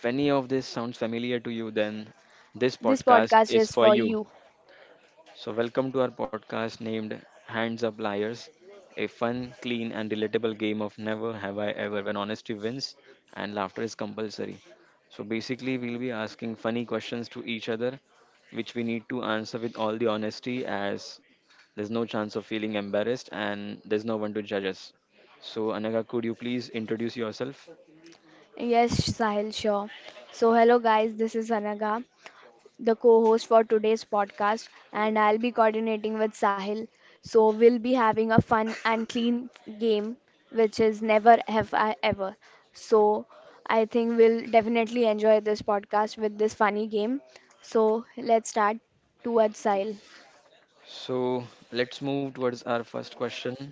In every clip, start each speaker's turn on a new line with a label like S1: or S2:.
S1: If any of this sounds familiar to you, then this
S2: This
S1: podcast
S2: podcast
S1: is
S2: is
S1: for
S2: for
S1: you.
S2: you.
S1: So, welcome to our podcast named Hands Up Liars, a fun, clean, and relatable game of never have I ever when honesty wins and laughter is compulsory. So, basically, we'll be asking funny questions to each other, which we need to answer with all the honesty as there's no chance of feeling embarrassed and there's no one to judge us. So, Anaga, could you please introduce yourself?
S2: Yes, Sahil, sure. So, hello guys, this is Anaga, the co host for today's podcast, and I'll be coordinating with Sahil. So, we'll be having a fun and clean game, which is Never Have I Ever. So, I think we'll definitely enjoy this podcast with this funny game. So, let's start towards Sahil.
S1: So, let's move towards our first question.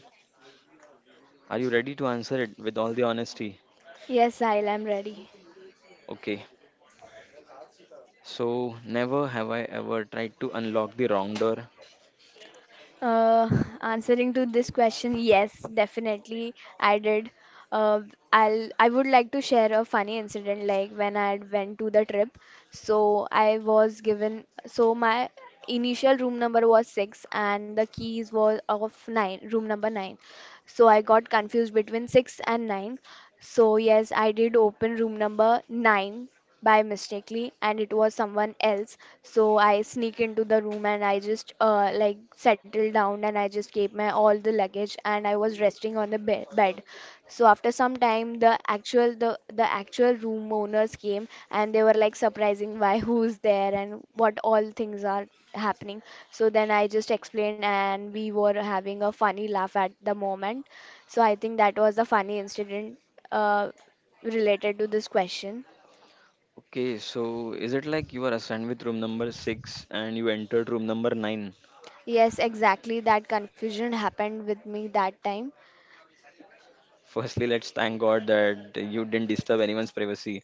S1: Are you ready to answer it with all the honesty?
S2: Yes, Sahil, I'm ready.
S1: Okay. So, never have I ever tried to unlock the wrong door.
S2: Uh, Answering to this question, yes, definitely I did. Uh, I would like to share a funny incident like when I had went to the trip. So I was given, so my initial room number was six and the keys was of nine, room number nine. So I got confused between six and nine. So yes, I did open room number 9 by mistakely and it was someone else. So I sneak into the room and I just like settled down and I just kept my all the luggage and I was resting on the bed. So after some time the actual the actual room owners came and they were like surprising why who's there and what all things are happening. So then I just explained and we were having a funny laugh at the moment. So I think that was a funny incident uh, related to this question.
S1: Okay, so is it like you are assigned with room number 6 and you entered room number 9?
S2: Yes, exactly. That confusion happened with me that time.
S1: Firstly, let's thank God that you didn't disturb anyone's privacy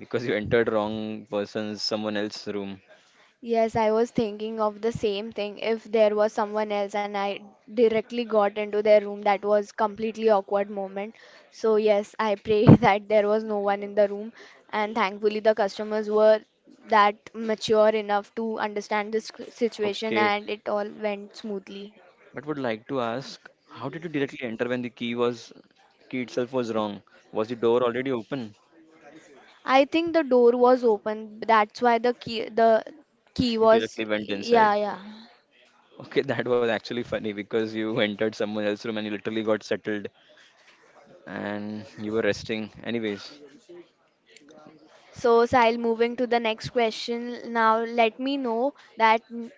S1: because you entered wrong person's someone else's room.
S2: Yes, I was thinking of the same thing, if there was someone else and I directly got into their room. That was completely awkward moment. So yes, I pray that there was no one in the room and thankfully the customers were that mature enough to understand this situation
S1: Okay,
S2: and it all went smoothly.
S1: but would like to ask, how did you directly enter when the key itself was wrong? Was the door already open?
S2: I think the door was open. That's why the key, the key
S1: You
S2: was
S1: directly went
S2: yeah,
S1: inside.
S2: yeah.
S1: Okay, that was actually funny because you entered someone else's room and you literally got settled and you were resting anyways.
S2: So Sahil, moving to the next question. Now let me know that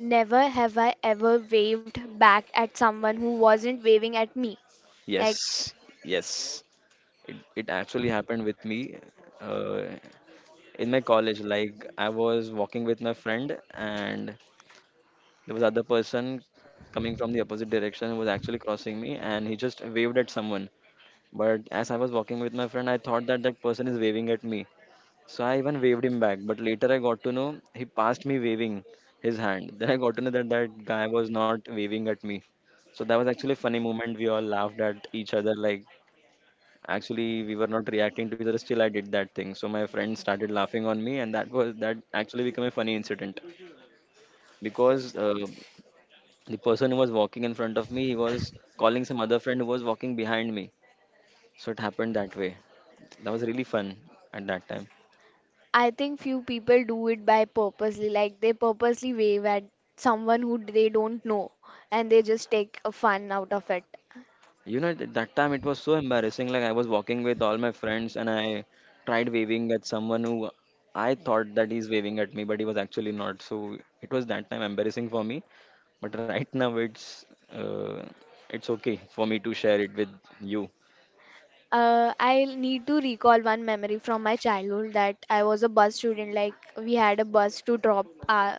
S2: never have I ever waved back at someone who wasn't waving at me. Like
S1: Yes, yes, it actually happened with me uh, in my college. Like I was walking with my friend and there was other person coming from the opposite direction who was actually crossing me and he just waved at someone, but as I was walking with my friend I thought that that person is waving at me. So I even waved him back, but later I got to know he passed me waving his hand. Then I got to know that that guy was not waving at me. So that was actually a funny moment. We all laughed at each other. Like actually we were not reacting to each other. Still I did that thing. So my friend started laughing on me, and that actually became a funny incident because the person who was walking in front of me, he was calling some other friend who was walking behind me. So it happened that way. That was really fun at that time.
S2: I think few people do it by purposely. Like they purposely wave at someone who they don't know and they just take a fun out of it.
S1: You know, at that time it was so embarrassing. Like I was walking with all my friends and I tried waving at someone who I thought that he's waving at me, but he was actually not. So it was that time embarrassing for me. But right now uh, it's okay for me to share it with you.
S2: I need to recall one memory from my childhood that I was a bus student. Like we had a bus to drop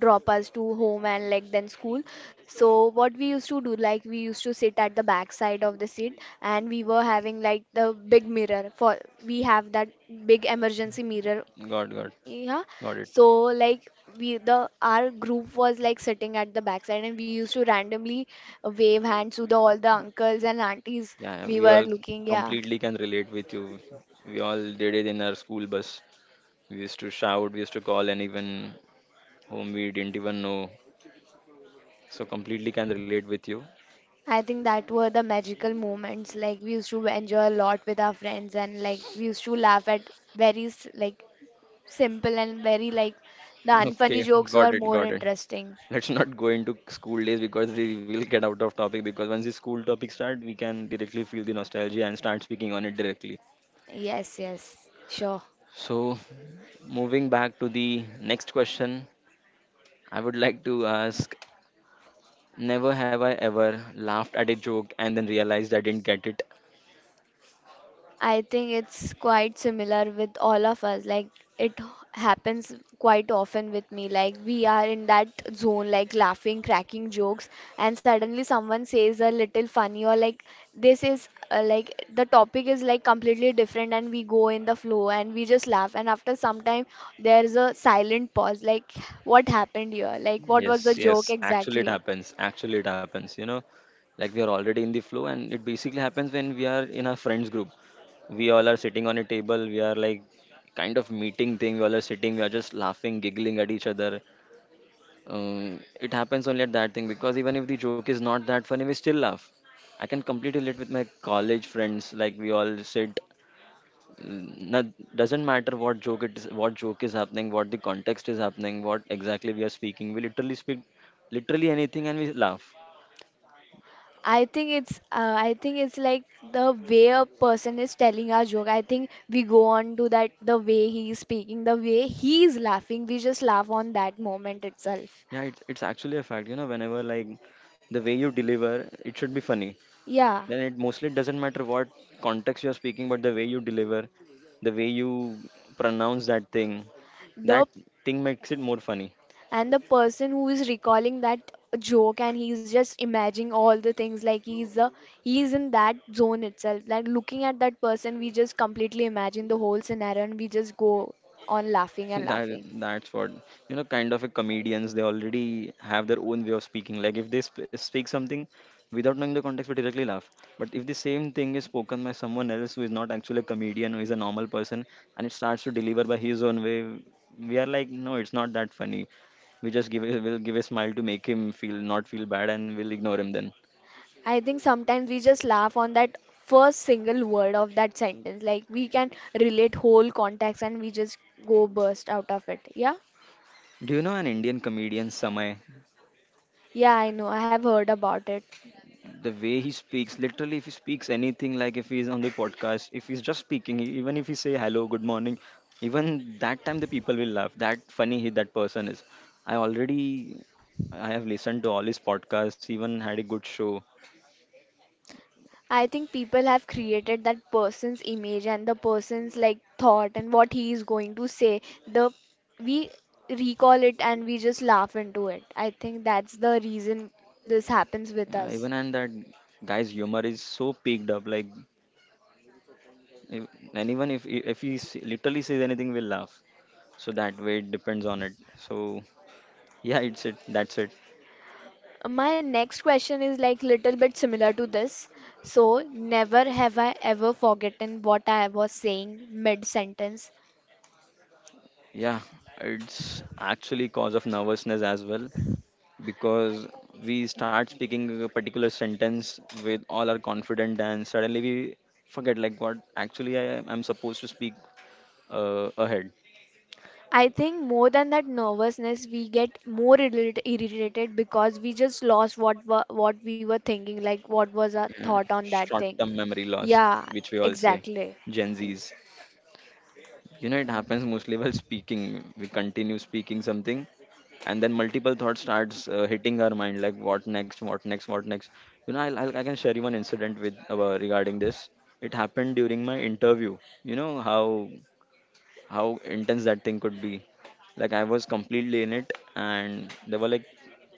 S2: drop us to home and like then school. So what we used to do, like we used to sit at the back side of the seat, and we were having like the big mirror for we have that big emergency mirror.
S1: Got
S2: Yeah.
S1: got it.
S2: So like we, the our group was like sitting at the backside and we used to randomly wave hands to the all the uncles and aunties
S1: Yeah, yeah,
S2: we
S1: we
S2: were
S1: all
S2: looking. Yeah.
S1: completely can relate with you. We all did it in our school bus. We used to shout, we used to call, and even whom we didn't even know. So completely can relate with you.
S2: I think that were the magical moments. Like we used to enjoy a lot with our friends, and like we used to laugh at very like simple and very like the unfunny
S1: Okay,
S2: jokes
S1: got
S2: were
S1: it,
S2: more
S1: got it.
S2: interesting.
S1: Let's not go into school days because we will get out of topic, because once the school topic start, we can directly feel the nostalgia and start speaking on it directly.
S2: Yes, yes, sure.
S1: So, moving back to the next question, I would like to ask, never have I ever laughed at a joke and then realized I didn't get it.
S2: I think it's quite similar with all of us. Like it happens quite often with me. Like we are in that zone, like laughing, cracking jokes, and suddenly someone says a little funny or like this is like the topic is like completely different, and we go in the flow and we just laugh. And after some time, there's a silent pause. Like what happened here? Like what was the
S1: Yes,
S2: joke
S1: yes. Actually, it
S2: exactly?
S1: happens. Actually, it happens. You know, like we are already in the flow, and it basically happens when we are in our friends group. We all are sitting on a table. We are like kind of meeting thing. We all are sitting. We are just laughing, giggling at each other. It happens only at that thing because even if the joke is not that funny, we still laugh. I can completely relate with my college friends. Like we all sit, doesn't matter what joke it is, what joke is happening, what the context is happening, what exactly we are speaking, we literally speak literally anything and we laugh.
S2: I think it's like the way a person is telling our joke. I think we go on to that the way he is speaking, the way he is laughing. We just laugh on that moment itself.
S1: Yeah, it's actually a fact. You know, whenever, like, the way you deliver it should be funny,
S2: Yeah,
S1: then it mostly doesn't matter what context you are speaking, but the way you deliver, the way you pronounce that thing,
S2: the
S1: that thing makes it more funny.
S2: and the person who is recalling that joke and he's just imagining all the things like he's in that zone itself. Like looking at that person, we just completely imagine the whole scenario and we just go on laughing and
S1: that
S2: laughing.
S1: that's what, you know, kind of a comedians, they already have their own way of speaking. Like if they speak something without knowing the context, we directly laugh. But if the same thing is spoken by someone else who is not actually a comedian, who is a normal person, and it starts to deliver by his own way, we are like, no, it's not that funny. We just we'll give a smile to make him feel, not feel bad, and we'll ignore him then.
S2: I think sometimes we just laugh on that first single word of that sentence. Like we can relate whole context and we just go burst out of it. Yeah?
S1: Do you know an Indian comedian Samay?
S2: Yeah, I know. I have heard about it.
S1: The way he speaks, literally, if he speaks anything, like if he's on the podcast, if he's just speaking, even if he say hello, good morning, even that time the people will laugh. That funny he, that person is. I already, I have listened to all his podcasts, even had a good show.
S2: I think people have created that person's image and the person's like thought and what he is going to say. The we recall it and we just laugh into it. I think that's the reason this happens with us.
S1: Even, and that guy's humor is so picked up. Like if, anyone, if he literally says anything, will laugh. So that way it depends on it. So yeah, it's it, that's it.
S2: My next question is like little bit similar to this. So, never have I ever forgotten what I was saying mid sentence.
S1: Yeah, it's actually cause of nervousness as well, because we start speaking a particular sentence with all our confident and suddenly we forget like what actually I'm supposed to speak ahead.
S2: I think more than that nervousness, we get more irritated because we just lost what what we were thinking, like what was our
S1: Mm.
S2: thought on that
S1: Short
S2: thing.
S1: term memory loss,
S2: Yeah,
S1: which we all say,
S2: exactly.
S1: Gen Zs. You know, it happens mostly while speaking. We continue speaking something and then multiple thoughts starts hitting our mind like what next, what next, what next. You know, I can share you one incident with regarding this. It happened during my interview. You know how intense that thing could be. Like I was completely in it, and there were like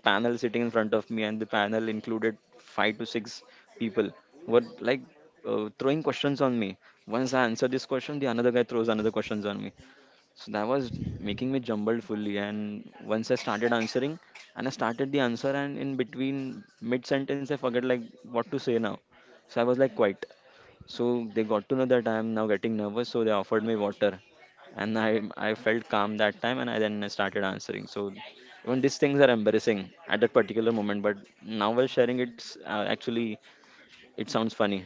S1: panel sitting in front of me, and the panel included five to six people who were like throwing questions on me. Once I answer this question, the another guy throws another questions on me. So that was making me jumbled fully. And once I started answering, and I started the answer, and in between mid sentence, I forget like what to say now. So I was like quiet, so they got to know that I am now getting nervous, so they offered me water, and I felt calm that time, and I then started answering. So even these things are embarrassing at that particular moment, but now while sharing, it's actually it sounds funny,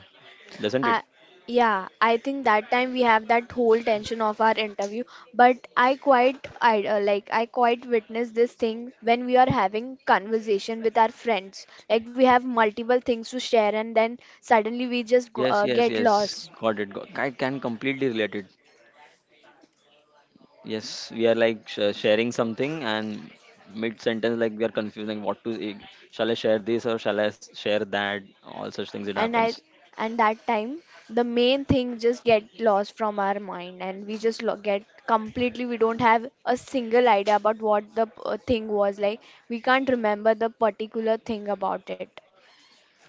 S1: doesn't
S2: I,
S1: it?
S2: yeah, I think that time we have that whole tension of our interview, but I quite I like I quite witness this thing when we are having conversation with our friends. Like we have multiple things to share, and then suddenly we just go,
S1: Yes, yes,
S2: get
S1: yes.
S2: lost.
S1: Got it. Got, I can completely relate it. Yes, we are like sharing something and mid sentence, like we are confusing what to say. Shall I share this or shall I share that? All such things it
S2: And I
S1: happens.
S2: and that time the main thing just get lost from our mind, and we just lo get completely, we don't have a single idea about what the thing was like. We can't remember the particular thing about it.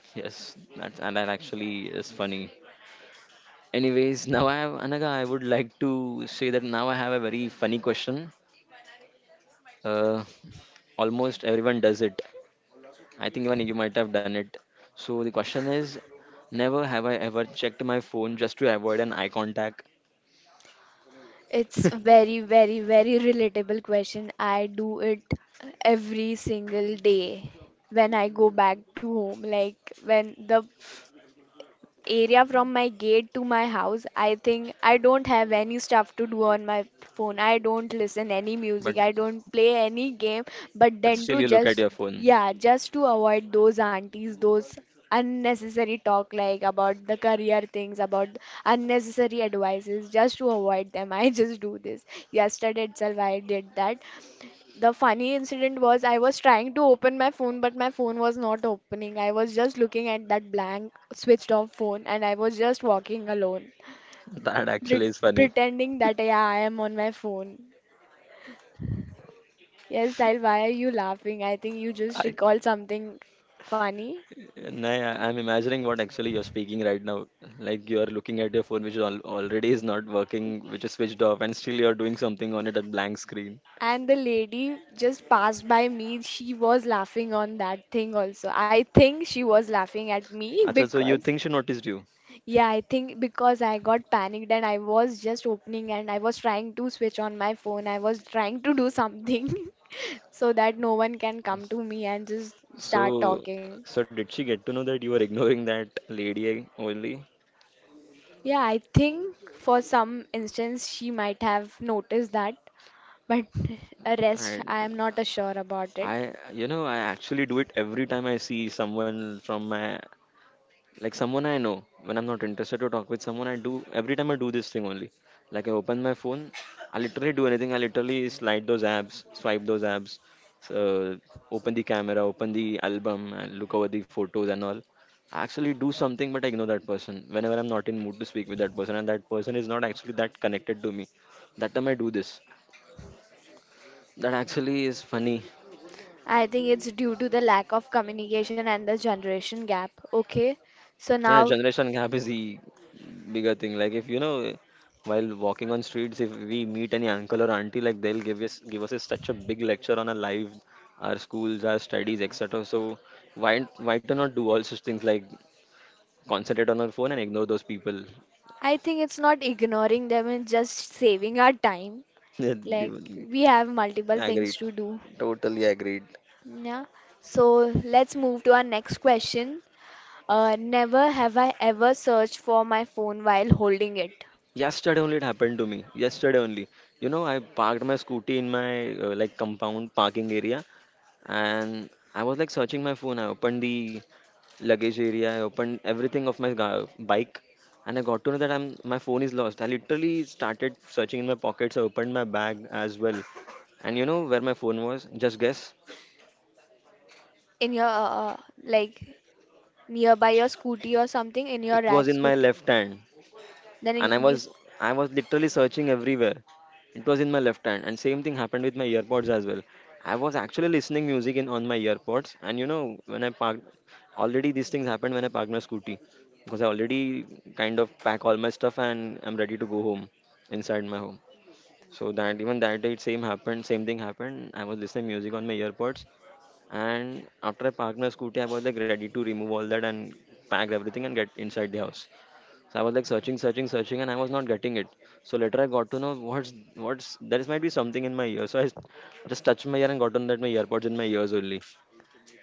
S1: Yes, that and that actually is funny. Anyways, now I have Anaga. I would like to say that now I have a very funny question. Uh, Almost everyone does it. I think even you might have done it. So the question is, never have I ever checked my phone just to avoid an eye contact.
S2: It's very, very, very relatable question. I do it every single day when I go back to home. Like when the area from my gate to my house, I think I don't have any stuff to do on my phone. I don't listen any
S1: But
S2: music. I don't play any game. But then
S1: still
S2: to
S1: you look at
S2: just,
S1: your phone.
S2: yeah, just to avoid those aunties, those unnecessary talk like about the career things, about unnecessary advices, just to avoid them. I just do this. Yesterday itself, I did that. The funny incident was I was trying to open my phone, but my phone was not opening. I was just looking at that blank, switched off phone, and I was just walking alone,
S1: That actually is funny.
S2: pretending that yeah, I am on my phone. Yes, Sahil, why are you laughing? I think you just
S1: I,
S2: recalled something funny.
S1: nah, I'm imagining what actually you're speaking right now. Like you are looking at your phone, which al already is not working, which is switched off, and still you're doing something on it at blank screen.
S2: And the lady just passed by me. She was laughing on that thing also. I think she was laughing at me
S1: Acha, so you
S2: because
S1: think she noticed you?
S2: yeah, I think because I got panicked and I was just opening and I was trying to switch on my phone. I was trying to do something so that no one can come to me and just start
S1: So,
S2: talking.
S1: so did she get to know that you were ignoring that lady only?
S2: Yeah, I think for some instance she might have noticed that, but a rest
S1: And
S2: I am not sure about it.
S1: I, you know, I actually do it every time I see someone from my, like someone I know, when I'm not interested to talk with someone, I do every time I do this thing only. Like I open my phone, I literally do anything. I literally slide those apps, swipe those apps, uh, open the camera, open the album, and look over the photos and all. I actually do something, but I ignore that person whenever I'm not in mood to speak with that person, and that person is not actually that connected to me. That time I do this. That actually is funny.
S2: I think it's due to the lack of communication and the generation gap. Okay, so
S1: Yeah,
S2: now
S1: generation gap is the bigger thing. Like if you know, while walking on streets, if we meet any uncle or auntie, like they'll give us such a big lecture on our life, our schools, our studies, etc. So why to not do all such things like concentrate on our phone and ignore those people?
S2: I think it's not ignoring them, it's just saving our time.
S1: Yeah, they
S2: Like
S1: will
S2: we have multiple things
S1: agreed.
S2: to do.
S1: Totally agreed.
S2: Yeah. So let's move to our next question. Never have I ever searched for my phone while holding it
S1: Yesterday only it happened to me. Yesterday only. You know, I parked my scooty in my like compound parking area and I was like searching my phone. I opened the luggage area. I opened everything of my bike, and I got to know that I'm my phone is lost. I literally started searching in my pockets. I opened my bag as well, and you know where my phone was? Just guess.
S2: in your uh, like nearby your scooty or something in your
S1: It was in
S2: racks.
S1: my left hand.
S2: Then
S1: And I was literally searching everywhere. It was in my left hand, and same thing happened with my earpods as well. I was actually listening music in on my earpods, and you know when I parked, already these things happened when I parked my scooty because I already kind of pack all my stuff and I'm ready to go home inside my home. So that even that day, it same happened, same thing happened. I was listening music on my earpods, and after I parked my scooty, I was like ready to remove all that and pack everything and get inside the house. So I was like searching, searching, searching, and I was not getting it. So later I got to know what's there is might be something in my ear. So I just touched my ear and got to know that my earpods in my ears only.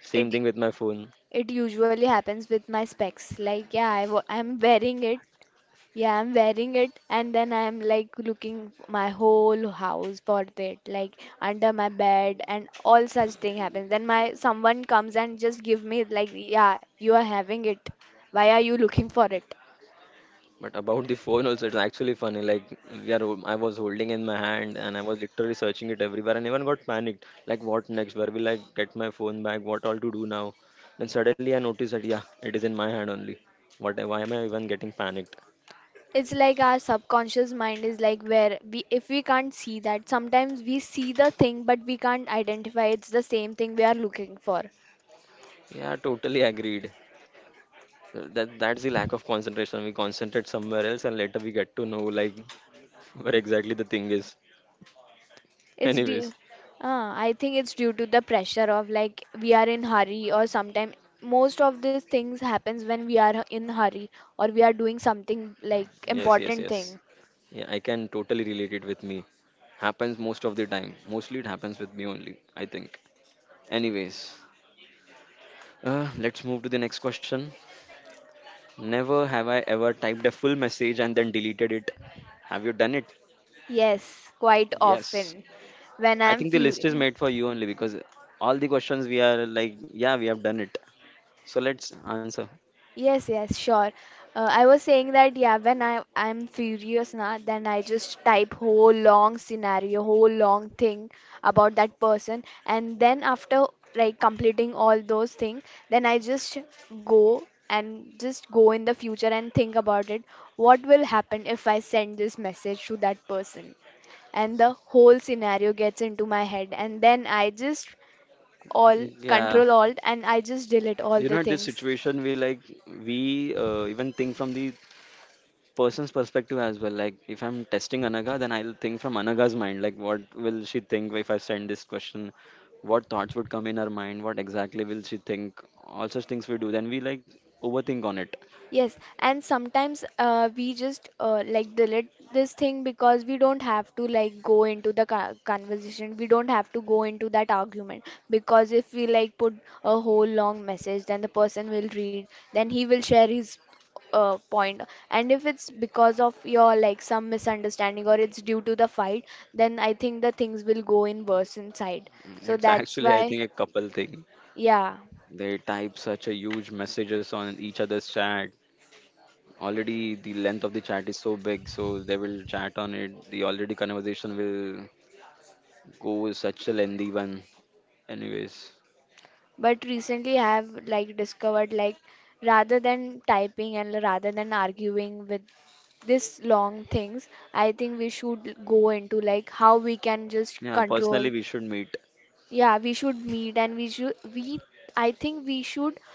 S1: Same
S2: it
S1: thing with my phone.
S2: it usually happens with my specs. Like yeah, I'm wearing it, yeah, I'm wearing it and then I'm like looking my whole house for it, like under my bed and all such thing happens. Then my someone comes and just give me like, yeah, you are having it. Why are you looking for it?
S1: But about the phone also, it's actually funny. Like I was holding in my hand and I was literally searching it everywhere, and even got panicked. Like what next? Where will I get my phone back? What all to do now? Then suddenly I noticed that yeah, it is in my hand only. What? Why am I even getting panicked?
S2: It's like our subconscious mind is like where we, if we can't see that, sometimes we see the thing but we can't identify it's the same thing we are looking for.
S1: Yeah, totally agreed. That's the lack of concentration we concentrate somewhere else and later we get to know like where exactly the thing is.
S2: It's due,
S1: Anyways,
S2: I think it's due to the pressure of like we are in hurry or sometimes most of these things happens when we are in hurry or we are doing something like
S1: yes, yes,
S2: important
S1: yes,
S2: thing.
S1: yeah, I can totally relate it with me. Happens most of the time, mostly it happens with me only, I think. Anyways, let's move to the next question. Never have I ever typed a full message and then deleted it. Have you done it?
S2: Yes, quite
S1: Yes.
S2: often when
S1: I
S2: I'm
S1: think the
S2: few.
S1: list is made for you only because all the questions we are like, yeah, we have done it. So let's answer.
S2: Yes, yes, sure. I was saying that yeah, when I'm furious now, then I just type whole long scenario, whole long thing about that person, and then after like completing all those things, then I just go and just go in the future and think about it. What will happen if I send this message to that person? And the whole scenario gets into my head, and then I just all
S1: Yeah,
S2: control alt and I just delete all
S1: you
S2: the
S1: know this
S2: things.
S1: situation we like, we even think from the person's perspective as well. Like if I'm testing Anaga, then I'll think from Anaga's mind. Like what will she think if I send this question? What thoughts would come in her mind? What exactly will she think? All such things we do. Then we like overthink on it.
S2: Yes, and sometimes we just like delete this thing because we don't have to like go into the conversation. We don't have to go into that argument because if we like put a whole long message, then the person will read, then he will share his point. And if it's because of your like some misunderstanding or it's due to the fight, then I think the things will go in worse inside.
S1: Mm,
S2: So
S1: it's,
S2: that's
S1: actually I
S2: why,
S1: think a couple thing.
S2: yeah.
S1: They type such a huge messages on each other's chat. Already the length of the chat is so big, so they will chat on it. The already conversation will go such a lengthy one. Anyways.
S2: But recently I have like discovered like rather than typing and rather than arguing with this long things, I think we should go into like how we can just
S1: Yeah,
S2: control.
S1: personally, we should meet.
S2: Yeah, we should meet and we should we I think we should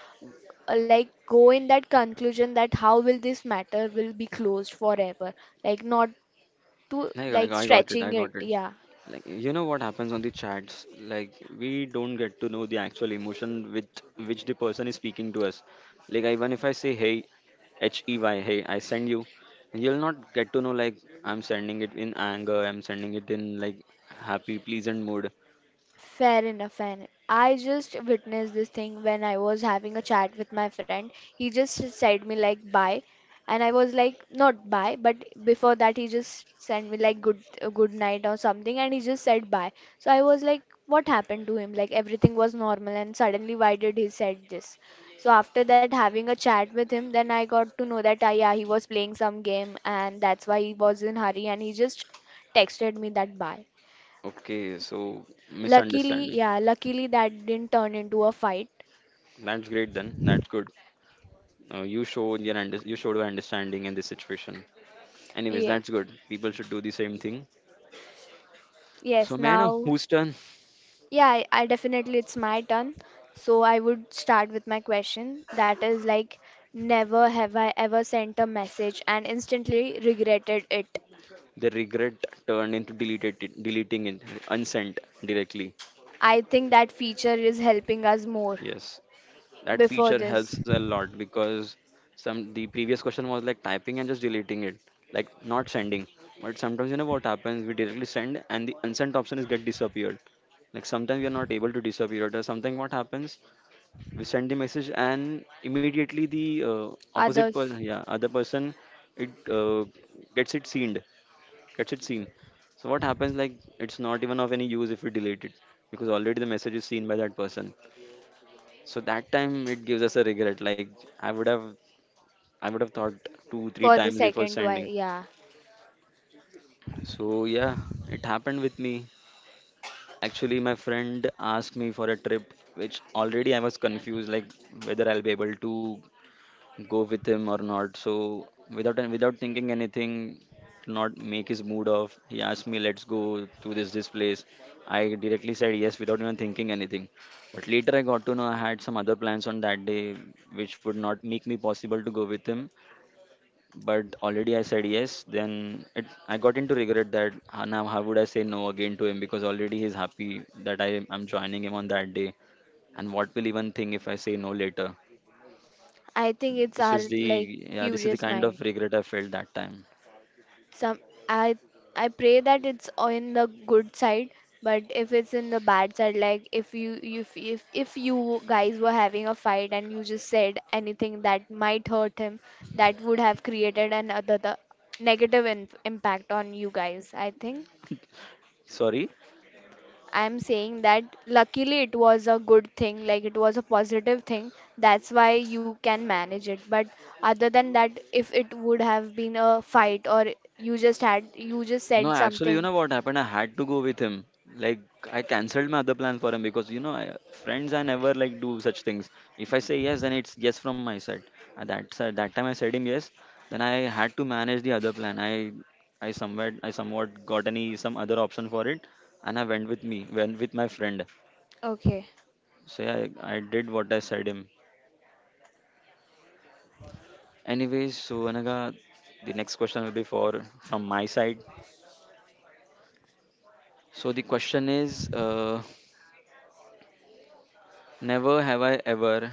S2: like go in that conclusion that how will this matter will be closed forever. Like not to
S1: Like, I,
S2: like
S1: I got it. I
S2: stretching it.
S1: got it.
S2: Yeah.
S1: Like, you know what happens on the chats? Like, we don't get to know the actual emotion with which the person is speaking to us. Like, even if I say, hey, H E Y, hey, I send you, you'll not get to know, like, I'm sending it in anger, I'm sending it in, like, happy, pleasant mood.
S2: Fair enough, fair enough. I just witnessed this thing when I was having a chat with my friend. He just said me like bye, and I was like not bye, but before that he just sent me like good good night or something, and he just said bye. So I was like, what happened to him? Like everything was normal, and suddenly why did he said this? So after that, having a chat with him, then I got to know that I yeah, he was playing some game, and that's why he was in hurry, and he just texted me that bye.
S1: Okay, so
S2: Luckily,
S1: misunderstanding.
S2: yeah, luckily that didn't turn into a fight.
S1: That's great then. That's good. You showed your you showed your understanding in this situation. Anyways,
S2: Yeah.
S1: that's good. People should do the same thing. So,
S2: Yes,
S1: man,
S2: now,
S1: whose turn?
S2: yeah, I definitely it's my turn. So I would start with my question. That is like, never have I ever sent a message and instantly regretted it.
S1: The regret turned into deleted it, deleting it, unsent directly.
S2: I think that feature is helping us more
S1: Yes, that
S2: before
S1: feature
S2: this.
S1: helps a lot because some the previous question was like typing and just deleting it, like not sending. But sometimes you know what happens? We directly send, and the unsent option is get disappeared. Like sometimes we are not able to disappear it, or something. What happens? We send the message and immediately the opposite person,
S2: Others
S1: yeah, other person, it gets it seen, gets it seen. So what happens like it's not even of any use if we delete it because already the message is seen by that person. So that time it gives us a regret like i would have I would have thought two three
S2: for the
S1: times before
S2: second one,
S1: sending.
S2: yeah.
S1: So yeah, it happened with me. Actually my friend asked me for a trip which already I was confused like whether I'll be able to go with him or not. So without thinking anything, to not make his mood off, he asked me, "Let's go to this place." I directly said yes without even thinking anything. But later I got to know I had some other plans on that day, which would not make me possible to go with him. But already I said yes. I got into regret that, "Ah, now how would I say no again to him because already he's happy that I'm joining him on that day. And what will even think if I say no later?"
S2: I think it's
S1: This is
S2: our like
S1: the, yeah, this is the
S2: furious
S1: kind of
S2: mind.
S1: regret I felt that time.
S2: Some I I pray that it's on the good side, but if it's in the bad side, like if you if you guys were having a fight and you just said anything that might hurt him, that would have created another the negative in, impact on you guys. I think
S1: Sorry.
S2: I'm saying that luckily it was a good thing, like it was a positive thing. That's why you can manage it. But other than that, if it would have been a fight or you just had, you just
S1: No,
S2: said
S1: actually, you
S2: something.
S1: know what happened? I had to go with him. Like I cancelled my other plan for him because you know, I, friends, I never like do such things. If I say yes, then it's yes from my side. At that side, that time I said him yes. Then I had to manage the other plan. I somewhat got any some other option for it, and I went with me, went with my friend.
S2: Okay.
S1: So yeah, I did what I said him. Anyways, so Anaga, the next question will be for from my side. So the question is, never have I ever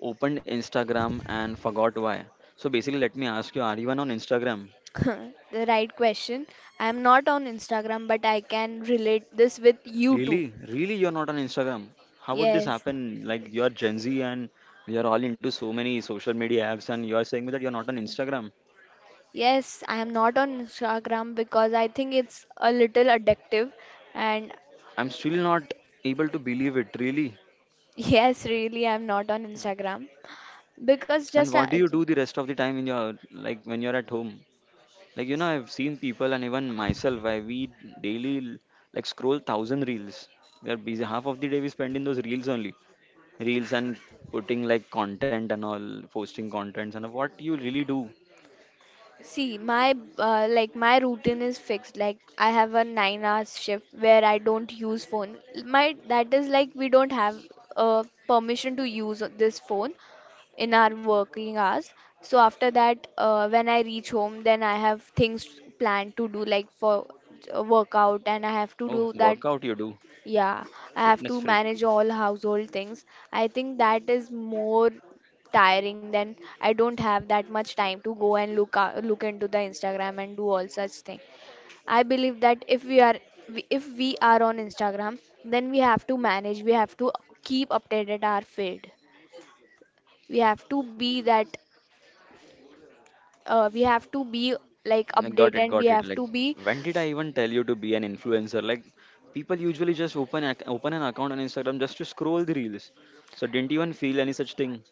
S1: opened Instagram and forgot why. So basically, let me ask you: are you on Instagram?
S2: The right question. I am not on Instagram, but I can relate this with you too.
S1: Really, really, you're not on Instagram. How would this
S2: Yes.
S1: happen? Like you're Gen Z and you're all into so many social media apps, and you're saying me that you're not on Instagram.
S2: Yes, I am not on Instagram because I think it's a little addictive and
S1: I'm still not able to believe it. Really.
S2: yes, really, I'm not on Instagram because
S1: Then
S2: just
S1: what do you do the rest of the time in your like when you're at home? Like you know, I've seen people and even myself. I we daily like scroll thousand reels. We are busy. Half of the day we spend in those reels only, reels and putting like content and all, posting contents and all. What you really do.
S2: see my like my routine is fixed. Like I have a 9 hours shift where I don't use phone. My that is like we don't have permission to use this phone in our working hours. So after that, when I reach home, then I have things planned to do like for workout and I have to
S1: Oh,
S2: do that.
S1: workout you do,
S2: Yeah, I have
S1: fitness
S2: to
S1: freak.
S2: manage all household things. I think that is more tiring than I don't have that much time to go and look out, look into the Instagram and do all such thing. I believe that if we are if we are on Instagram, then we have to manage, we have to keep updated our feed. We have to be that we have to be like
S1: I got
S2: updated
S1: it,
S2: and we
S1: got it.
S2: have
S1: Like,
S2: to be
S1: when did I even tell you to be an influencer? Like, people usually just open an account on Instagram just to scroll the reels. So didn't you even feel any such thing?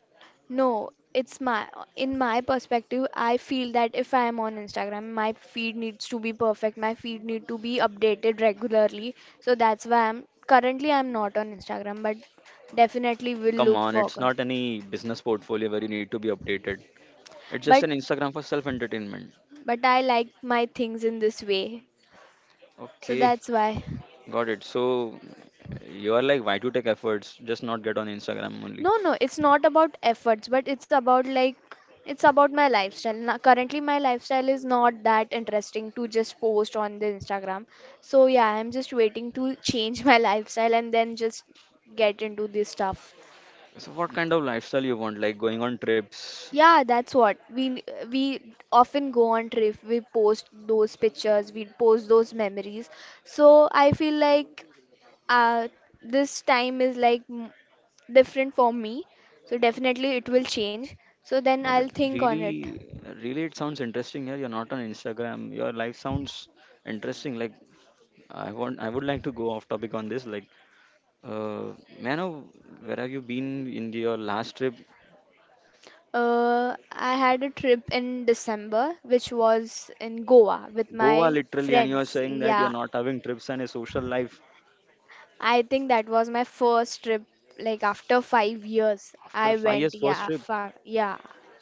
S2: no, it's my in my perspective, I feel that if I am on Instagram, my feed needs to be perfect. My feed need to be updated regularly. So that's why I'm currently I'm not on Instagram, but definitely will
S1: Come
S2: look
S1: on, it's
S2: forward.
S1: not any business portfolio where you need to be updated. It's just
S2: But
S1: an Instagram for self entertainment.
S2: but I like my things in this way. So
S1: Okay,
S2: that's why.
S1: got it. So you are like, why to take efforts? Just not get on Instagram only.
S2: No, no, it's not about efforts, but it's about like it's about my lifestyle. Now, currently, my lifestyle is not that interesting to just post on the Instagram. So yeah, I'm just waiting to change my lifestyle and then just get into this stuff.
S1: So what kind of lifestyle you want? Like going on trips?
S2: Yeah, that's what we often go on trip. We post those pictures, we post those memories. So I feel like uh, this time is different for me, so definitely it will change, so then
S1: Got it.
S2: I'll think on it.
S1: Really, really, it sounds interesting. Yeah, you're not on Instagram. Your life sounds interesting. Like I want, I would like to go off topic on this. Like, Uh, Mano, where have you been in your last trip?
S2: I had a trip in December which was in Goa with
S1: Goa,
S2: my
S1: literally, and you are
S2: friends.
S1: saying that you're
S2: Yeah,
S1: not having trips and a social life.
S2: I think that was my first trip, like after 5 years
S1: After
S2: I
S1: five
S2: went.
S1: years, first trip,
S2: Yeah.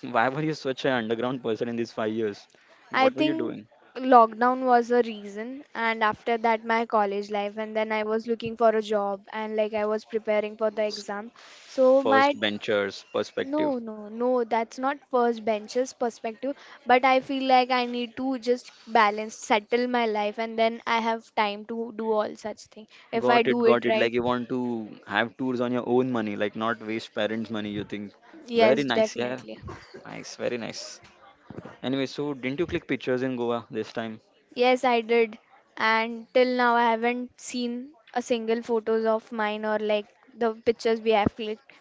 S1: why were you such an underground person in these 5 years?
S2: I
S1: What were you
S2: think
S1: doing?
S2: lockdown was a reason, and after that, my college life, and then I was looking for a job, and like I was preparing for the exam. So, my
S1: First benchers perspective.
S2: no, no, no, that's not first benches perspective, but I feel like I need to just balance, settle my life, and then I have time to do all such thing. If I
S1: Got it,
S2: do it
S1: got it.
S2: right,
S1: Like you want to have tours on your own money, like not waste parents' money. You think very
S2: yes,
S1: nice, yeah,
S2: definitely.
S1: nice, very nice. Anyway, so didn't you click pictures in Goa this time?
S2: Yes, I did. And till now, I haven't seen a single photos of mine or like the pictures we have clicked.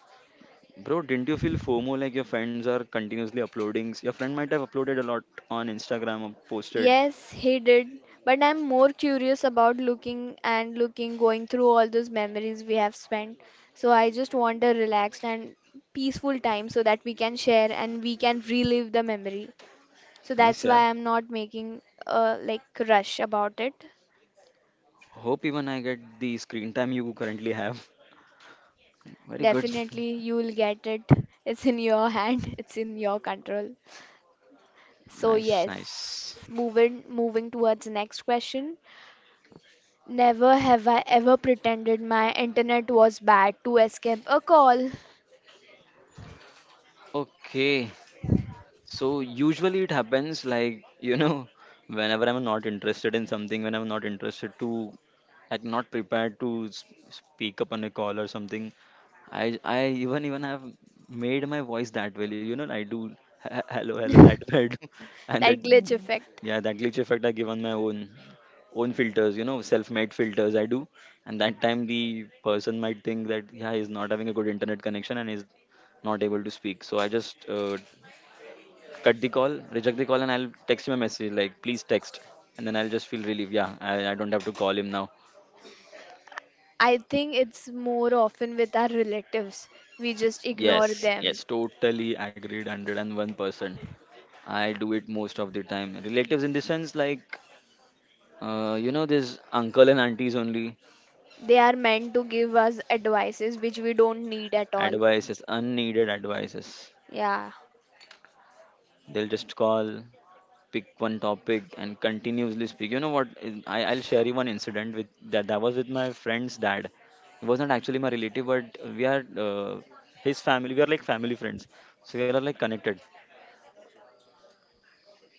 S1: Bro, didn't you feel FOMO like your friends are continuously uploading? Your friend might have uploaded a lot on Instagram or posted.
S2: Yes, he did. But I'm more curious about looking and looking, going through all those memories we have spent. So I just want a relaxed and peaceful time so that we can share and we can relive the memory. So
S1: Nice,
S2: that's
S1: yeah.
S2: why I'm not making a like rush about it.
S1: Hope even I get the screen time you currently have. Very good.
S2: Definitely you will get it. It's in your hand, it's in your control. So
S1: Nice,
S2: yes,
S1: nice.
S2: moving towards the next question. Never have I ever pretended my internet was bad to escape a call.
S1: Okay. So usually it happens like, you know, whenever I'm not interested in something, when I'm not interested to, like, not prepared to speak up on a call or something, I even have made my voice that way. You know, I do hello hello that way I do, and
S2: That glitch
S1: that,
S2: effect.
S1: yeah, that glitch effect I give on my own filters. You know, self-made filters I do, and that time the person might think that yeah he's not having a good internet connection and he's not able to speak. So I just cut the call, reject the call, and I'll text him a message like please text, and then I'll just feel relieved. Yeah, I don't have to call him now.
S2: I think it's more often with our relatives. We just ignore
S1: Yes,
S2: them.
S1: yes, totally agreed, 101%. I do it most of the time. Relatives, in the sense, like, you know, this uncle and aunties only
S2: They are meant to give us advices which we don't need at all.
S1: advices, unneeded advices.
S2: Yeah,
S1: They'll just call, pick one topic, and continuously speak. You know what? I'll share you one incident with that. That was with my friend's dad. He was not actually my relative, but we are his family. We are like family friends, so we are like connected.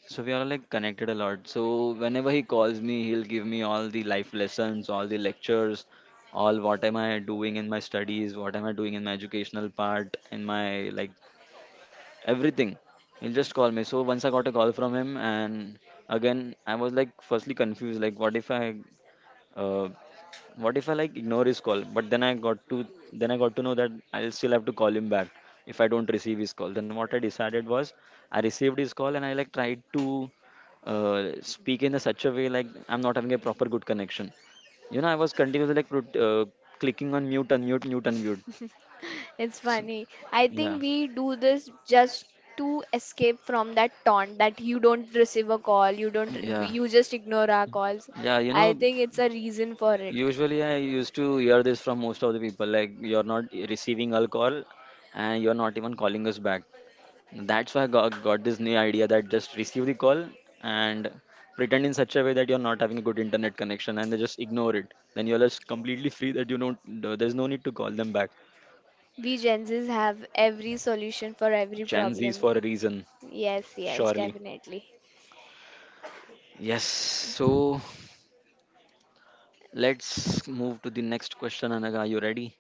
S1: So we are like connected a lot. So whenever he calls me, he'll give me all the life lessons, all the lectures, all what am I doing in my studies, what am I doing in my educational part, in my like everything. He'll just call me. So once I got a call from him, and again I was like firstly confused, like uh, what if I like ignore his call? But then I got to know that I'll still have to call him back if I don't receive his call. Then what I decided was I received his call and I like tried to speak in a such a way like I'm not having a proper good connection. You know, I was continuously like clicking on mute, unmute, mute, unmute.
S2: it's
S1: S-
S2: funny. I
S1: Yeah,
S2: think we do this just to escape from that taunt that you don't receive a call, you don't,
S1: yeah,
S2: you just ignore our calls.
S1: yeah. You
S2: I
S1: know,
S2: think it's a reason for it.
S1: usually I used to hear this from most of the people like you're not receiving a call and you're not even calling us back. That's why I got this new idea that just receive the call and pretend in such a way that you're not having a good internet connection and they just ignore it. Then you're just completely free that you don't, there's no need to call them back.
S2: We Gen Zs have every solution for every
S1: Gen Z's for
S2: problem.
S1: a reason,
S2: Yes, yes,
S1: surely.
S2: definitely.
S1: Yes, so let's move to the next question, Anaga. Are you ready?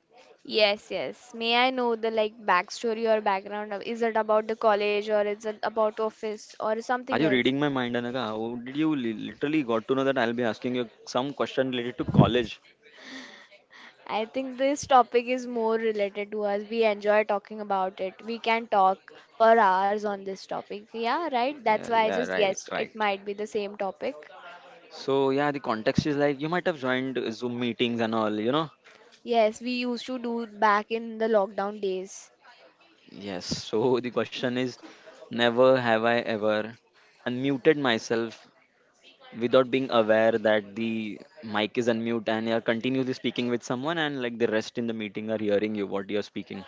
S2: Yes, yes. May I know the like backstory or background of is it about the college or is it about office or
S1: Are
S2: something
S1: you
S2: else?
S1: reading my mind, Anaga? How did you literally got to know that I'll be asking you some question related to college?
S2: I think this topic is more related to us. We enjoy talking about it. We can talk for hours on this topic. Yeah, right? That's
S1: Yeah,
S2: why I
S1: yeah,
S2: just
S1: right,
S2: guessed
S1: right.
S2: it might be the same topic.
S1: So yeah, the context is like you might have joined Zoom meetings and all.
S2: Yes, we used to do back in the lockdown days.
S1: Yes. So the question is, never have I ever unmuted myself without being aware that the mic is unmute and you're continuously speaking with someone and like the rest in the meeting are hearing you what you're speaking.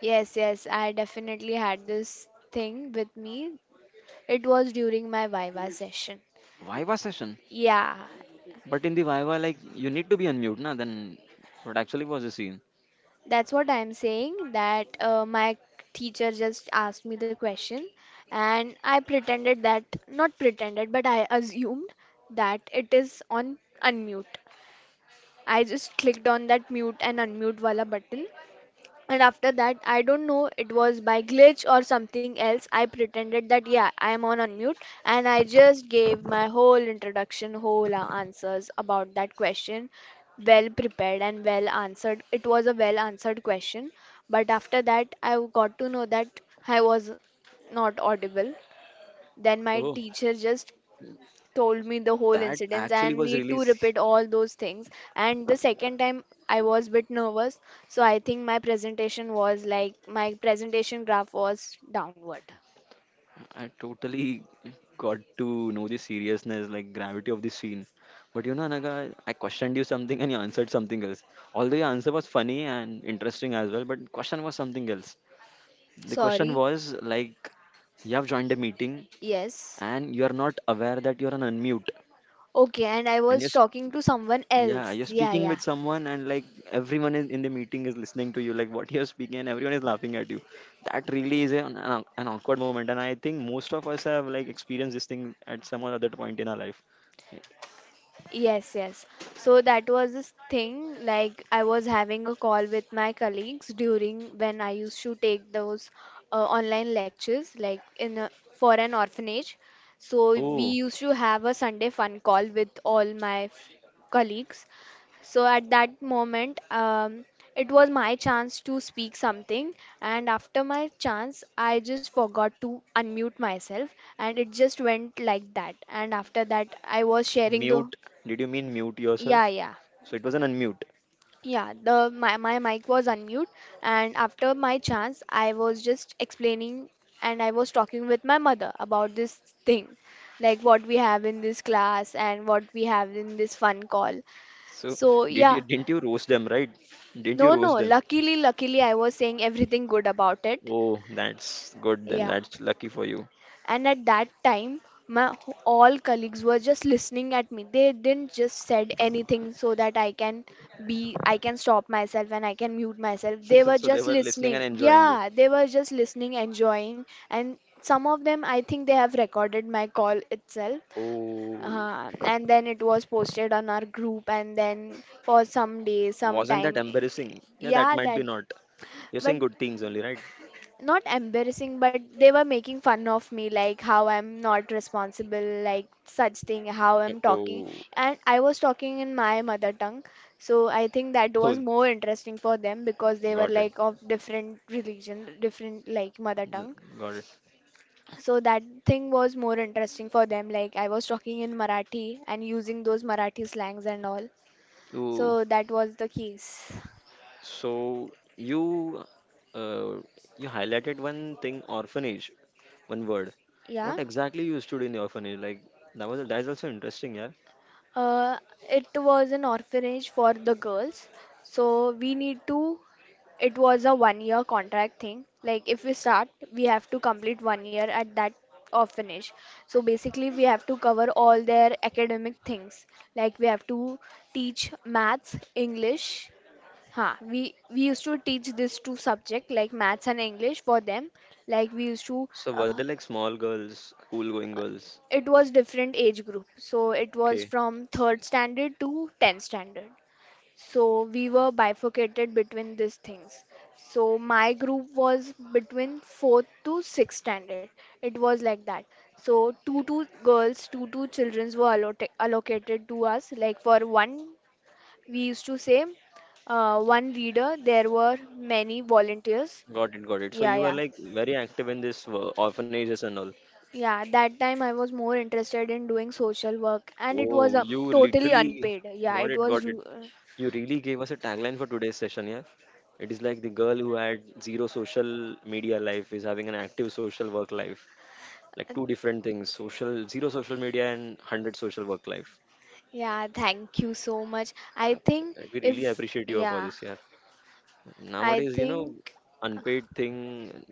S2: Yes, yes, I definitely had this thing with me. It was during my Viva session.
S1: Viva session.
S2: Yeah,
S1: But in the Viva, like you need to be unmute, na? Then what actually was the scene?
S2: that's what I'm saying that my teacher just asked me the question and I pretended that, not pretended, but I assumed that it is on unmute. I just clicked on that mute and unmute wala button. And after that, I don't know, it was by glitch or something else. I pretended that, yeah, I am on unmute. And I just gave my whole introduction, whole answers about that question. Well prepared and well answered. It was a well answered question. But after that, I got to know that I was not audible. Then my
S1: Oh.
S2: teacher just told me the whole
S1: That
S2: incidents
S1: actually
S2: and
S1: was
S2: need to
S1: released.
S2: repeat all those things, and the second time I was bit nervous, so I think my presentation was like my presentation graph was downward.
S1: I totally got to know the seriousness, like gravity of the scene. But you know, Anaga, I questioned you something and you answered something else. Although your answer was funny and interesting as well, but question was something else. The question
S2: Sorry.
S1: was like, you have joined a meeting
S2: Yes,
S1: and you are not aware that you are on unmute
S2: okay, and I
S1: and
S2: was
S1: yes.
S2: talking to someone
S1: Yeah,
S2: else.
S1: you're
S2: Yeah,
S1: speaking with
S2: yeah.
S1: someone, and like everyone is in the meeting is listening to you, like what you're speaking, and everyone is laughing at you. That really is an awkward moment, and I think most of us have like experienced this thing at some or other point in our life. Yeah.
S2: Yes, yes. So that was this thing. Like I was having a call with my colleagues during when I used to take those online lectures, like in a, for an orphanage. So we
S1: Oh,
S2: used to have a Sunday fun call with all my colleagues. So at that moment, it was my chance to speak something, and after my chance, I just forgot to unmute myself, and it just went like that. And after that, I was sharing the
S1: mute. Did you mean mute
S2: yeah,
S1: yourself?
S2: yeah.
S1: So it was an unmute.
S2: Yeah, the my mic was unmute, and after my chance I was just explaining, and I was talking with my mother about this thing, like what we have in this class and what we have in this fun call.
S1: So
S2: So,
S1: did you
S2: yeah.
S1: didn't you roast them, right? Didn't you
S2: No, no,
S1: roast them?
S2: luckily I was saying everything good about it.
S1: Oh, that's good. Then
S2: Yeah.
S1: that's lucky for you.
S2: And at that time my all colleagues were just listening at me. They didn't just said anything so that I can be I can stop myself and I can mute myself. They were
S1: So they
S2: just
S1: were listening and
S2: listening.
S1: enjoying you.
S2: Yeah, they were just listening, enjoying. And some of them I think they have recorded my call itself,
S1: Oh,
S2: and then it was posted on our group, and then for some days, some
S1: wasn't
S2: time.
S1: that embarrassing? Yeah,
S2: Yeah,
S1: that might
S2: that
S1: be not. You're
S2: but
S1: saying good things only, right?
S2: not embarrassing, but they were making fun of me like how I'm not responsible, like such thing, how I'm talking.
S1: Oh,
S2: And I was talking in my mother tongue, so I think that was
S1: cool.
S2: more interesting for them because they were
S1: Got it.
S2: like of different religion, different like mother tongue.
S1: Mm, Got it.
S2: So that thing was more interesting for them. Like I was talking in Marathi and using those Marathi slangs and all.
S1: Ooh.
S2: So that was the case.
S1: So you uh, you highlighted one thing, orphanage, one word.
S2: Yeah.
S1: What exactly you used to do in the orphanage? Like that's also interesting, yeah.
S2: Uh, it was an orphanage for the girls. So we need to, it was a 1 year contract thing. Like if we start, we have to complete 1 year at that orphanage. So basically, we have to cover all their academic things. Like we have to teach maths, English. Huh, we used to teach this two subject like maths and English for them. Like we used to,
S1: So were they like small girls, school going girls?
S2: it was different age group. So it was
S1: Okay,
S2: from third standard to 10th standard. So we were bifurcated between these things. So my group was between fourth to sixth standard. It was like that. So two girls, two childrens were allocated to us. Like for one, we used to say one reader. There were many volunteers.
S1: got it, got it. So
S2: Yeah,
S1: you were
S2: yeah.
S1: like very active in this orphanages and all.
S2: Yeah, that time I was more interested in doing social work and it was
S1: Oh, you
S2: totally
S1: literally
S2: unpaid. Yeah,
S1: got
S2: it
S1: it,
S2: was
S1: got it. You really gave us a tagline for today's session, yeah? It is like the girl who had zero social media life is having an active social work life. Like two different things, social zero social media and 100 social work life.
S2: yeah, thank you so much. I think
S1: Like, we really
S2: if,
S1: appreciate you for
S2: yeah,
S1: this, yeah.
S2: I
S1: Nowadays,
S2: think.
S1: unpaid thing,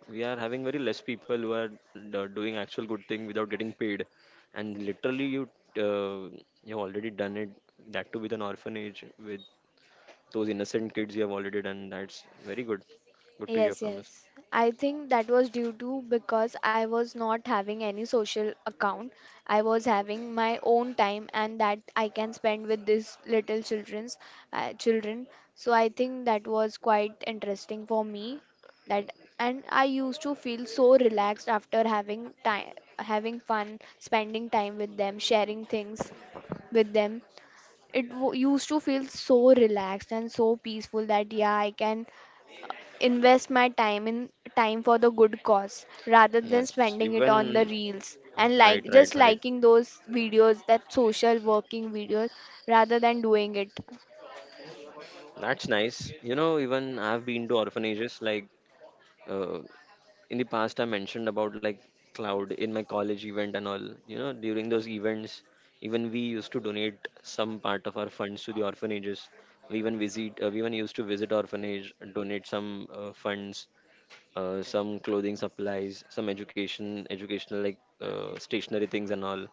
S1: we are having very less people who are doing actual good thing without getting paid. And literally, uh, you've already done it. That too with an orphanage with those innocent kids you have already done. That's very good. Good to hear
S2: Yes,
S1: from us.
S2: yes. I think that was due to because I was not having any social account. I was having my own time and that I can spend with these little children. So I think that was quite interesting for me that and I used to feel so relaxed after having time having fun, spending time with them, sharing things with them. Used to feel so relaxed and so peaceful that yeah, I can invest my time in time for the good cause rather than
S1: Yes,
S2: spending it on the
S1: even
S2: reels and
S1: right,
S2: like
S1: right,
S2: just
S1: right.
S2: liking those videos, that social working videos, rather than doing it.
S1: That's nice. You know, even I've been to orphanages. Like uh, in the past, I mentioned about like cloud in my college event and all. You know, during those events, even we used to donate some part of our funds to the orphanages. We even visit. We even used to visit orphanage, donate some funds some clothing supplies, some educational like stationary things and all.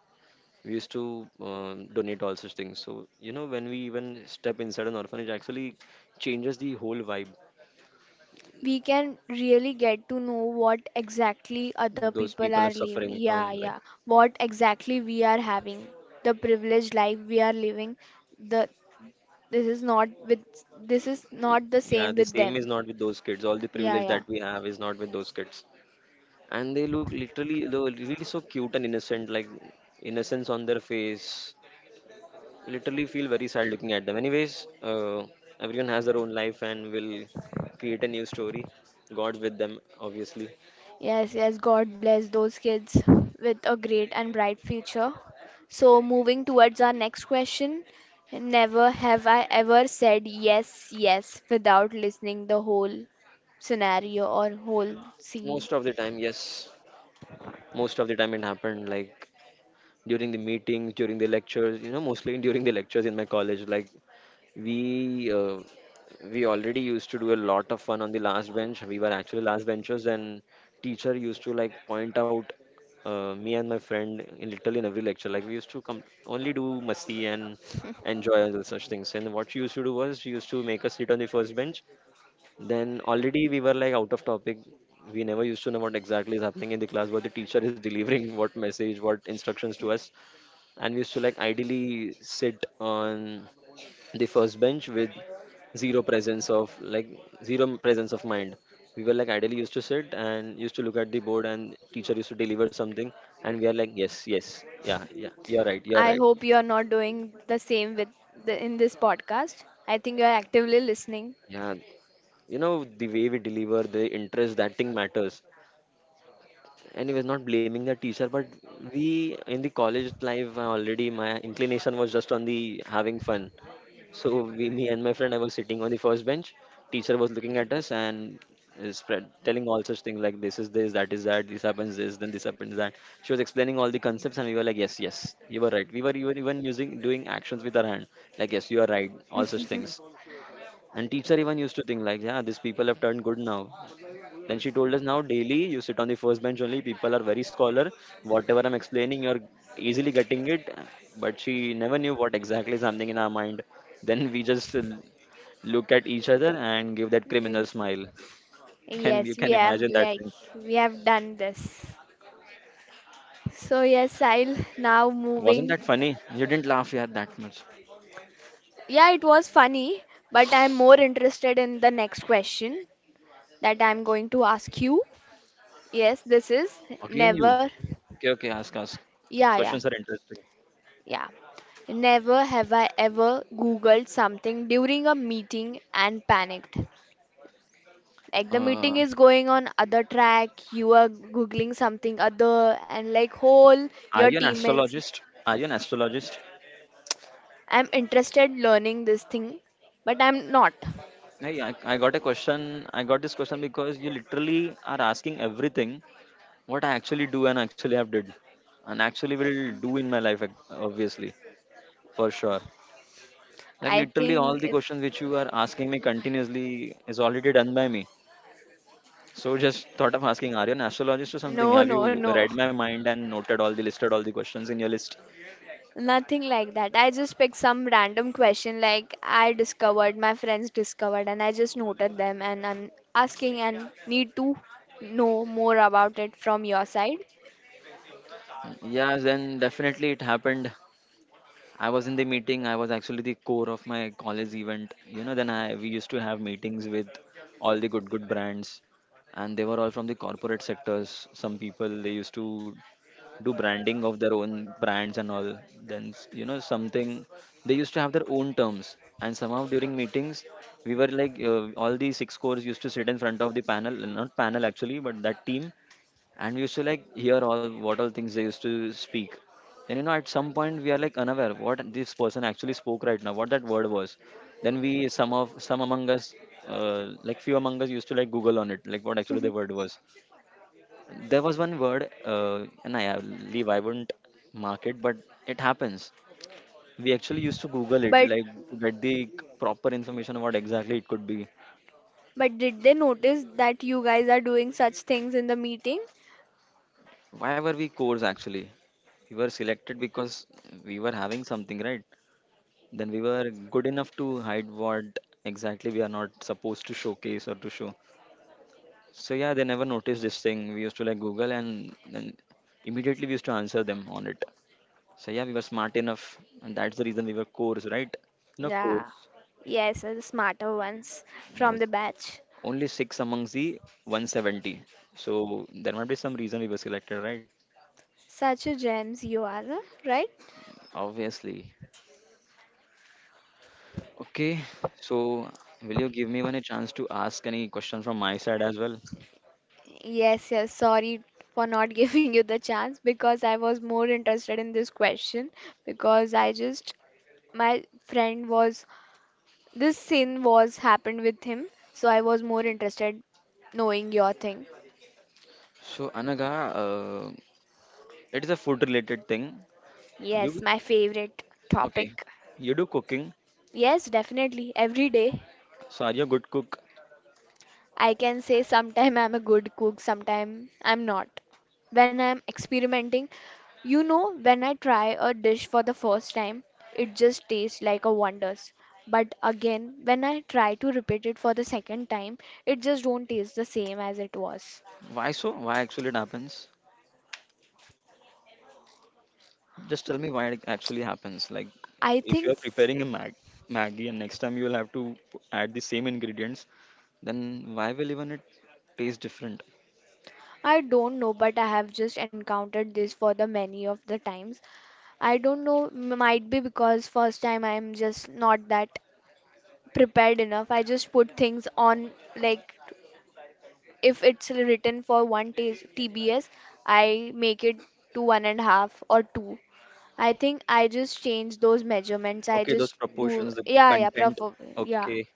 S1: We used to donate all such things. So you know, when we even step inside an orphanage, actually changes the whole vibe.
S2: We can really get to know what exactly other
S1: Those
S2: people
S1: people are
S2: are living.
S1: suffering
S2: Yeah,
S1: from like
S2: yeah, what exactly we are having, the privileged life we are living, the this is not with this is not the
S1: yeah,
S2: same
S1: the
S2: with
S1: same is
S2: them.
S1: not with those kids. All the
S2: Yeah,
S1: privilege
S2: yeah.
S1: that we have is not with those kids, and they look literally they're really so cute and innocent, like innocence on their face literally feel very sad looking at them. Anyways, everyone has their own life and will create a new story. God's with them, obviously.
S2: Yes, yes, God bless those kids with a great and bright future. So, moving towards our next question, never have I ever said yes, yes without listening the whole scenario or whole scene.
S1: Most of the time, yes. Most of the time it happened. Like during the meetings, during the lectures, you know, mostly during the lectures in my college, like we uh, we already used to do a lot of fun on the last bench. We were actually last benchers, and teacher used to like point out me and my friend in literally in every lecture. Like we used to come only do masti and enjoy all such things. And what she used to do was she used to make us sit on the first bench. Then already we were like out of topic. We never used to know what exactly is happening in the class, what the teacher is delivering, what message, what instructions to us, and we used to like ideally sit on the first bench with zero presence of like zero presence of mind. We were like ideally used to sit and used to look at the board, and teacher used to deliver something, and we are like yes, yes, yeah, yeah, you're right, you're
S2: I
S1: right.
S2: hope you are not doing the same with in this podcast. I think you are actively listening.
S1: Yeah, you know, the way we deliver the interest, that thing matters. Anyways, not blaming the teacher, but we in the college life, already my inclination was just on the having fun. So we, me and my friend, I was sitting on the first bench. Teacher was looking at us and is spread, telling all such things like this is this, that is that, this happens this, then this happens that. She was explaining all the concepts, and we were like, yes, yes, you were right. We were even using doing actions with our hand, like yes, you are right, all such things. And teacher even used to think like, yeah, these people have turned good now. Then she told us now daily you sit on the first bench only. People are very scholar. Whatever I'm explaining, you're easily getting it. But she never knew what exactly is something in our mind. Then we just look at each other and give that criminal
S2: Yes,
S1: smile. Can you
S2: yes, we
S1: can
S2: have
S1: imagine that thing?
S2: we have done this. So yes, I'll now
S1: Wasn't
S2: moving.
S1: that funny? You didn't laugh yeah that much.
S2: Yeah, it was funny, but I'm more interested in the next question that I'm going to ask you. Yes, this is
S1: Again you.
S2: never.
S1: Okay, okay. Ask, ask.
S2: Yeah, yeah,
S1: Questions are interesting.
S2: yeah. Never have I ever Googled something during a meeting and panicked. Like the meeting
S1: Uh,
S2: is going on other track, you are Googling something other, and like whole your
S1: are you an
S2: teammates.
S1: astrologist? Are you an astrologist?
S2: I'm interested learning this thing, but I'm not.
S1: Hey, I got a question. I got this question because you literally are asking everything what I actually do and actually have did and actually will do in my life, obviously, for sure. Like
S2: I
S1: literally all
S2: think
S1: the
S2: it's
S1: questions which you are asking me continuously is already done by me. So just thought of asking, are you an astrologist or something?
S2: no,
S1: Have
S2: no,
S1: you
S2: no.
S1: read my mind and noted all the listed all the questions in your list?
S2: Nothing like that. I just picked some random question like I discovered, my friends discovered, and I just noted them and I'm asking and need to know more about it from your side.
S1: Yeah, then definitely it happened. I was in the meeting. I was actually the core of my college event. You know, then I we used to have meetings with all the good good brands, and they were all from the corporate sectors. Some people they used to do branding of their own brands and all. Then you know something they used to have their own terms. And somehow during meetings, we were like all the six cores used to sit in front of the panel, not panel actually, but that team, and we used to like hear all what all things they used to speak. Then you know at some point we are like unaware what this person actually spoke right now, what that word was. Then we some among us like few among us used to like google on it like what actually the word was. There was one word and I leave I wouldn't mark it, but it happens. We actually used to google it
S2: But
S1: like to get the proper information of what exactly it could be.
S2: but did they notice that you guys are doing such things in the meeting?
S1: Why were we cores actually? We were selected because we were having something, right? Then we were good enough to hide what exactly we are not supposed to showcase or to show. So yeah, they never noticed this thing. We used to like Google and then immediately we used to answer them on it. So yeah, we were smart enough, and that's the reason we were cores, right? No
S2: Yeah.
S1: cores.
S2: Yes, the smarter ones from
S1: Yes.
S2: the batch.
S1: Only six amongst the 170. So there might be some reason we were selected, right?
S2: Such a gems you are, right?
S1: Obviously. Okay. So will you give me one a chance to ask any question from my side as well?
S2: Yes, yes, sorry for not giving you the chance because I was more interested in this question because I just my friend was, this sin was happened with him, so I was more interested knowing your thing.
S1: So Anaga, uh, it is a food related thing.
S2: Yes,
S1: You
S2: my favorite
S1: okay?
S2: topic.
S1: You do cooking,
S2: Yes, definitely every day.
S1: so are you a good cook?
S2: I can say sometime I'm a good cook, sometime I'm not. When I'm experimenting, you know, when I try a dish for the first time, it just tastes like a wonders. But again, when I try to repeat it for the second time, it just don't taste the same as it was.
S1: Why so? Why actually it happens? Just tell me why it actually happens. Like
S2: I
S1: if you
S2: think
S1: are preparing a mag Maggie, and next time you will have to add the same ingredients, then why will even it taste different?
S2: I don't know, but I have just encountered this for the many of the times. I don't know, might be because first time I'm just not that prepared enough. I just put things on like if it's written for one TBS, I make it to 1.5 or 2. I think I just change those measurements. I
S1: Okay, those
S2: just do,
S1: proportions, the
S2: yeah, yeah,
S1: content.
S2: proper, yeah.
S1: Okay,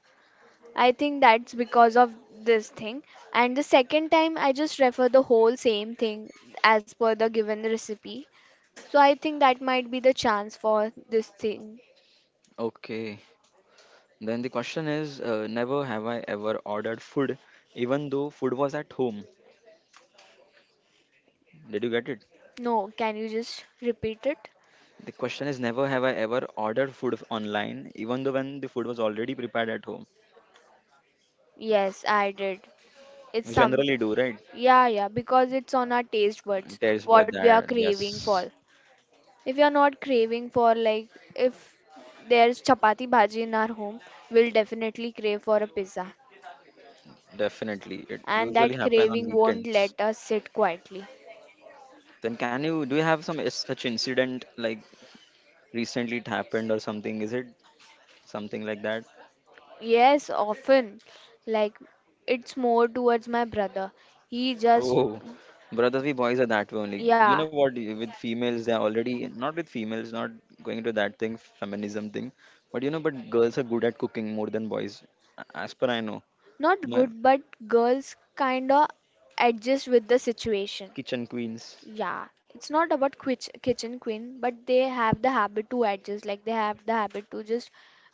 S2: I think that's because of this thing. And the second time, I just refer the whole same thing as per the given recipe. So I think that might be the chance for this thing.
S1: okay. Then the question is, never have I ever ordered food, even though food was at home. Did you get it?
S2: No, can you just repeat it?
S1: The question is never have I ever ordered food online, even though when the food was already prepared at home.
S2: Yes, I did. It's
S1: We
S2: some.
S1: generally do, right?
S2: Yeah, yeah, because it's on our taste buds,
S1: There's but
S2: what we are
S1: that
S2: craving
S1: yes,
S2: for. If we are not craving for, like, if there's chapati bhaji in our home, we'll definitely crave for a pizza.
S1: definitely. It
S2: And
S1: usually
S2: that
S1: happen on
S2: craving won't
S1: weekends.
S2: let us sit quietly.
S1: Then can you do you have some such incident like recently it happened or something? Is it something like that?
S2: Yes, often. Like, it's more towards my brother. He just,
S1: Oh, brothers, we boys are that way only. You
S2: yeah,
S1: know what? With females, they are already not with females, not going to that thing, feminism thing. But you know, but girls are good at cooking more than boys, as per I know.
S2: not
S1: My
S2: good, but girls kinda adjust with the situation.
S1: kitchen queens.
S2: Yeah, it's not about quich kitchen queen, but they have the habit to adjust. Like they have the habit to just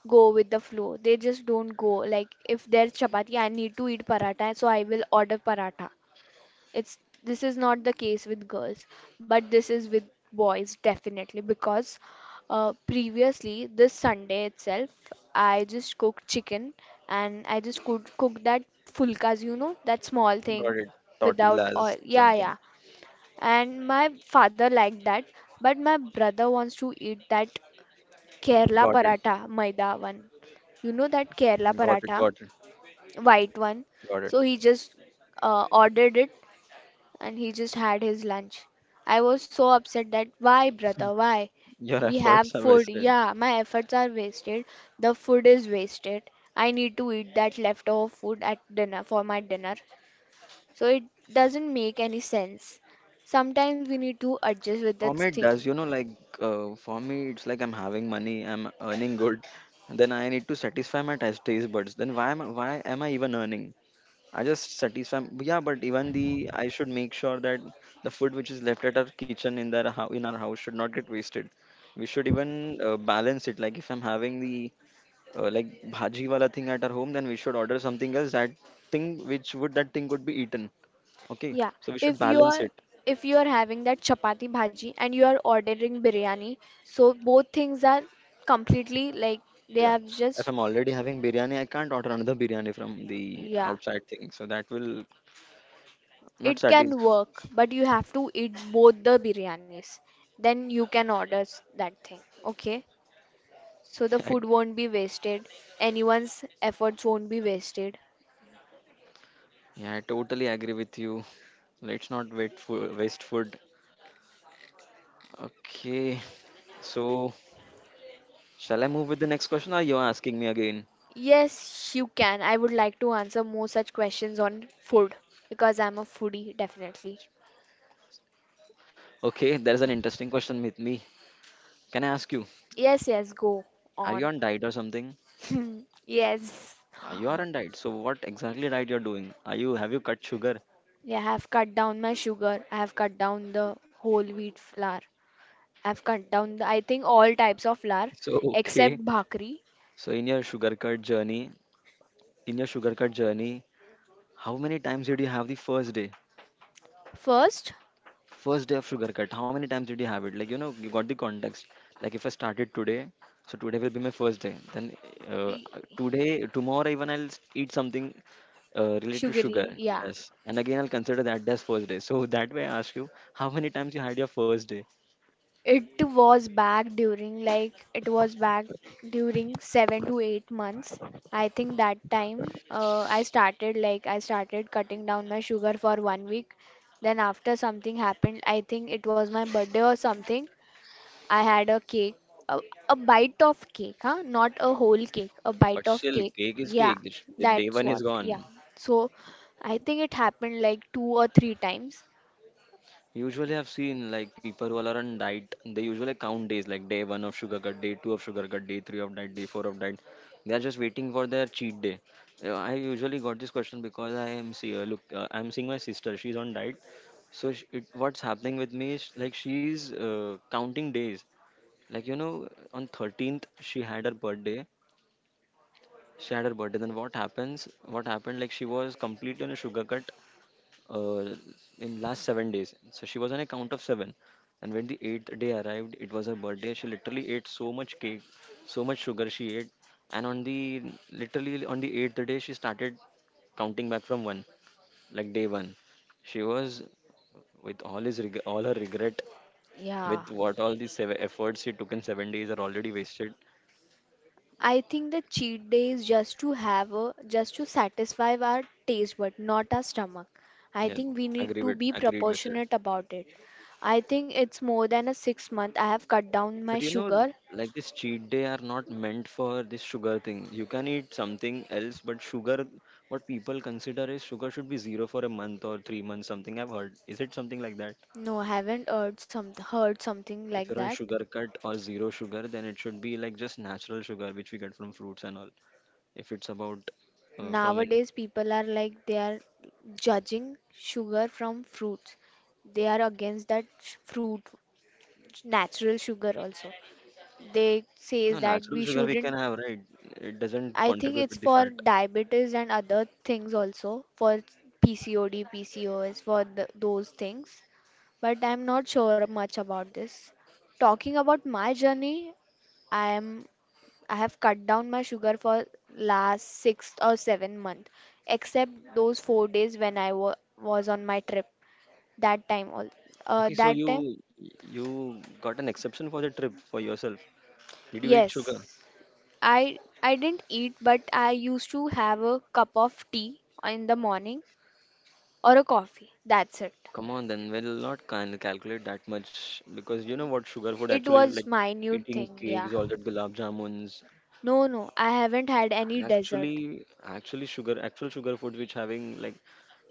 S2: go with the flow. They just don't go. Like if there's chapati, I need to eat paratha, so I will order paratha. It's this is not the case with girls, but this is with boys definitely because previously this Sunday itself, I just cooked chicken and I just cooked that fulkas, you know, that small thing
S1: Got it.
S2: without
S1: Tortillas,
S2: oil. Yeah,
S1: something.
S2: yeah, and my father liked that, but my brother wants to eat that kerala
S1: Got it.
S2: paratha maida one, you know that kerala
S1: Got it.
S2: paratha
S1: Got it.
S2: white one.
S1: Got it.
S2: So he just ordered it, and he just had his lunch. I was so upset that why brother why,
S1: Your
S2: we have
S1: efforts are
S2: food,
S1: wasted.
S2: yeah, my efforts are wasted, the food is wasted. I need to eat that leftover food at dinner for my dinner, so it doesn't make any sense. Sometimes we need to adjust with
S1: For
S2: that
S1: me, it
S2: thing.
S1: does. You know, like for me, it's like I'm having money. I'm earning good. Then I need to satisfy my taste buds. Then why am I even earning? I just satisfy. Yeah, but even the I should make sure that the food which is left at our kitchen in their hou- in our house should not get wasted. We should even balance it. Like if I'm having the like bhaji wala thing at our home, then we should order something else that thing which would that thing could be eaten. Okay,
S2: Yeah,
S1: so we should
S2: if you
S1: balance
S2: are
S1: it.
S2: if you are having that chapati bhaji and you are ordering biryani, so both things are completely like they
S1: Yeah,
S2: have
S1: if
S2: just,
S1: I'm already having biryani, I can't order another biryani from the
S2: yeah,
S1: outside thing, so that will not
S2: it
S1: satisfy.
S2: can work, but you have to eat both the biryanis. Then you can order that thing. Okay? So the food won't be wasted. Anyone's efforts won't be wasted.
S1: Yeah, I totally agree with you. Let's not wait for waste food. Okay, so shall I move with the next question, or you're asking me again?
S2: Yes, you can. I would like to answer more such questions on food because I'm a foodie, definitely.
S1: Okay, there's an interesting question with me. Can I ask you,
S2: Yes, yes, go
S1: are you
S2: on.
S1: on diet or something?
S2: Yes.
S1: You aren't diet. So what exactly diet you're doing? Are you have you cut sugar?
S2: Yeah, I have cut down my sugar. I have cut down the whole wheat flour. I have cut down I think all types of flour
S1: So exactly. Okay.
S2: except bhakri.
S1: So in your sugar cut journey, in your sugar cut journey, how many times did you have the first day?
S2: First,
S1: First day of sugar cut. How many times did you have it? Like you know, you got the context. Like if I started today, so today will be my first day. Then uh,
S2: y-
S1: today, tomorrow even I'll eat something related to sugar.
S2: sugary, yeah.
S1: Yes. And again I'll consider that as first day. So that way I ask you, how many times you had your first day?
S2: It was back during 7 to 8 months. I think that time I started like I started cutting down my sugar for 1 week. Then after something happened, I think it was my birthday or something. I had a cake, a, a bite of cake, huh? Not a whole cake, a bite
S1: But
S2: of
S1: still,
S2: cake.
S1: cake is
S2: Yeah,
S1: cake. The the day
S2: that's
S1: one
S2: what.
S1: is
S2: Yeah.
S1: gone.
S2: So I think it happened like 2 or 3 times.
S1: Usually, I've seen like people who are on diet, they usually count days like day one of sugar cut, day two of sugar cut, day three of diet, day four of diet. They are just waiting for their cheat day. I usually got this question because I am see look I'm seeing my sister. She's on diet, so sh it, what's happening with me is like she's counting days. Like you know, on 13th she had her birthday. She had her birthday. Then what happens? What happened? Like she was completely on a sugar cut uh, in last 7 days. So she was on a count of seven. And when the eighth day arrived, it was her birthday. She literally ate so much cake, so much sugar she ate. And on the literally on the eighth day, she started counting back from one, like day one. She was with all his all her regret,
S2: Yeah.
S1: with what all the seven efforts she took in 7 days are already wasted.
S2: I think the cheat day is just to have a just to satisfy our taste but not our stomach. I
S1: Yeah,
S2: think we need to be
S1: agreed with it.
S2: proportionate about it. I think it's more than a 6 month. I have cut down
S1: But
S2: my
S1: you know,
S2: sugar.
S1: like this cheat day are not meant for this sugar thing. You can eat something else, but sugar, what people consider is sugar should be zero for a month or 3 months, something I've heard. Is it something like that?
S2: No, I haven't heard something
S1: If
S2: like
S1: you're on
S2: that.
S1: sugar cut or zero sugar, then it should be like just natural sugar, which we get from fruits and all. If it's about from an
S2: Nowadays people are like they are judging sugar from fruits. They are against that fruit natural sugar also. They say
S1: no
S2: that
S1: natural
S2: we
S1: sugar we
S2: shouldn't
S1: can have, right? It doesn't
S2: I think
S1: contribute
S2: it's
S1: with the
S2: for
S1: fat.
S2: diabetes and other things also, for PCOD, PCOS, for th those things. But I'm not sure much about this. Talking about my journey, I am I have cut down my sugar for last 6 or 7 month, except those 4 days when I wa was on my trip. That time all,
S1: Okay, so
S2: that
S1: you
S2: time,
S1: you got an exception for the trip for yourself. Did you eat sugar?
S2: yes, I didn't eat, but I used to have a cup of tea in the morning or a coffee. That's it.
S1: Come on, then we'll not can calculate that much because you know what sugar food
S2: It
S1: actually is like
S2: was my new
S1: eating
S2: thing, yeah.
S1: cakes, all that gulab jamuns.
S2: No, no, I haven't had any dessert.
S1: Actually, actually sugar, actual sugar food which having like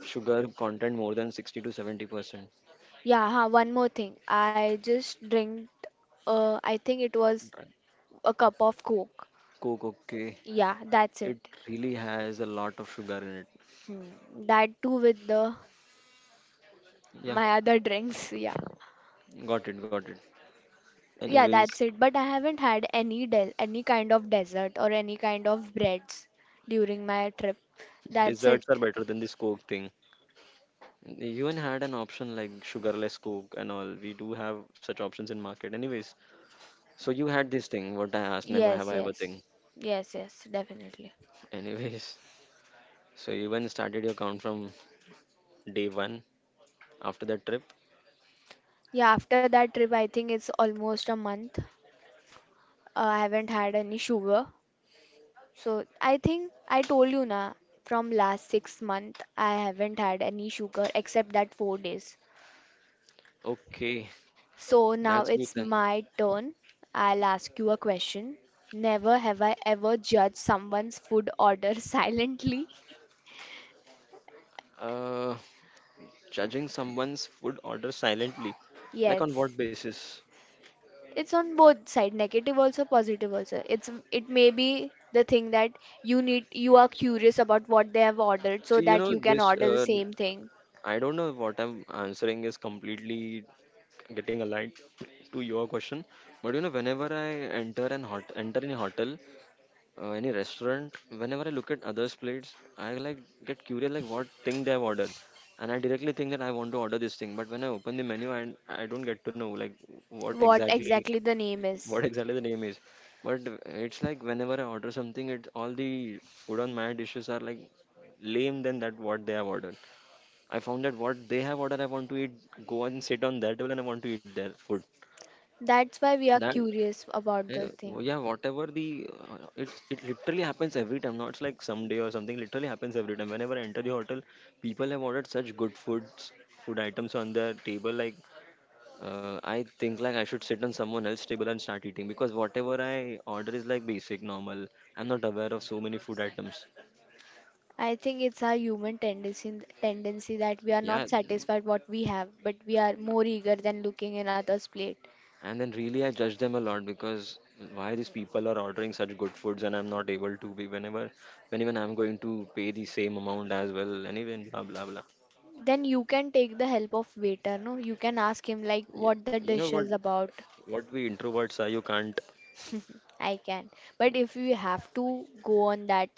S1: sugar content more than 60 to 70%.
S2: Yeah, huh, one more thing. I just I think it was
S1: Right.
S2: a cup of Coke.
S1: Coke, okay.
S2: Yeah, that's
S1: It
S2: it.
S1: really has a lot of sugar in it.
S2: Hmm. That too with the
S1: Yeah,
S2: my other drinks, yeah.
S1: got it, got it.
S2: Yeah,
S1: Anyways,
S2: that's it. But I haven't had any de any kind of dessert or any kind of breads during my trip. That's it.
S1: desserts are better than this Coke thing. And even had an option like sugarless coke and all. We do have such options in market, anyways. So you had this thing. What I asked, never have
S2: Yes,
S1: I ever
S2: yes.
S1: thing.
S2: Yes, yes, definitely.
S1: Anyways, so you even started your count from day one after that trip.
S2: Yeah, after that trip, I think it's almost a month. I haven't had any sugar. So I think I told you na, from last 6 month I haven't had any sugar except that 4 days.
S1: Okay,
S2: So now
S1: that's good
S2: it's
S1: then.
S2: my turn. I'll ask you a question. Never have I ever judged someone's food order silently.
S1: Uh, judging someone's food order silently, like on
S2: Yes.
S1: what basis?
S2: It's on both side, negative also, positive also. It's it may be the thing that you need, you are curious about what they have ordered
S1: See,
S2: so
S1: you
S2: that
S1: know
S2: you can
S1: this.
S2: order the same thing.
S1: I don't know what I'm answering is completely getting aligned to your question. But you know, whenever I enter any hotel, any restaurant, whenever I look at others' plates, I like get curious like what thing they have ordered, and I directly think that I want to order this thing. But when I open the menu, and I don't get to know like what
S2: What
S1: exactly
S2: exactly the name is.
S1: what exactly the name is. But it's like whenever I order something, it all the food on my dishes are like lame than that what they have ordered. I found that what they have ordered, I want to eat, go and sit on that table, and I want to eat their food.
S2: That's why we are
S1: That
S2: curious about the thing.
S1: yeah, whatever the it literally happens every time. Not like someday or something. Literally happens every time. Whenever I enter the hotel, people have ordered such good foods, food items on their table. Like I think like I should sit on someone else's table and start eating because whatever I order is like basic, normal. I'm not aware of so many food items.
S2: I think it's our human tendency that we are not
S1: Yeah,
S2: satisfied what we have, but we are more eager than looking in others plate.
S1: and then really, I judge them a lot because why these people are ordering such good foods and I'm not able to be whenever, when even I'm going to pay the same amount as well, anyway, and even blah blah blah.
S2: Then you can take the help of waiter. No, you can ask him like
S1: Yeah.
S2: what the
S1: You know
S2: dish is
S1: what?
S2: about.
S1: What we introverts are, you can't.
S2: I can. But if you have to go on that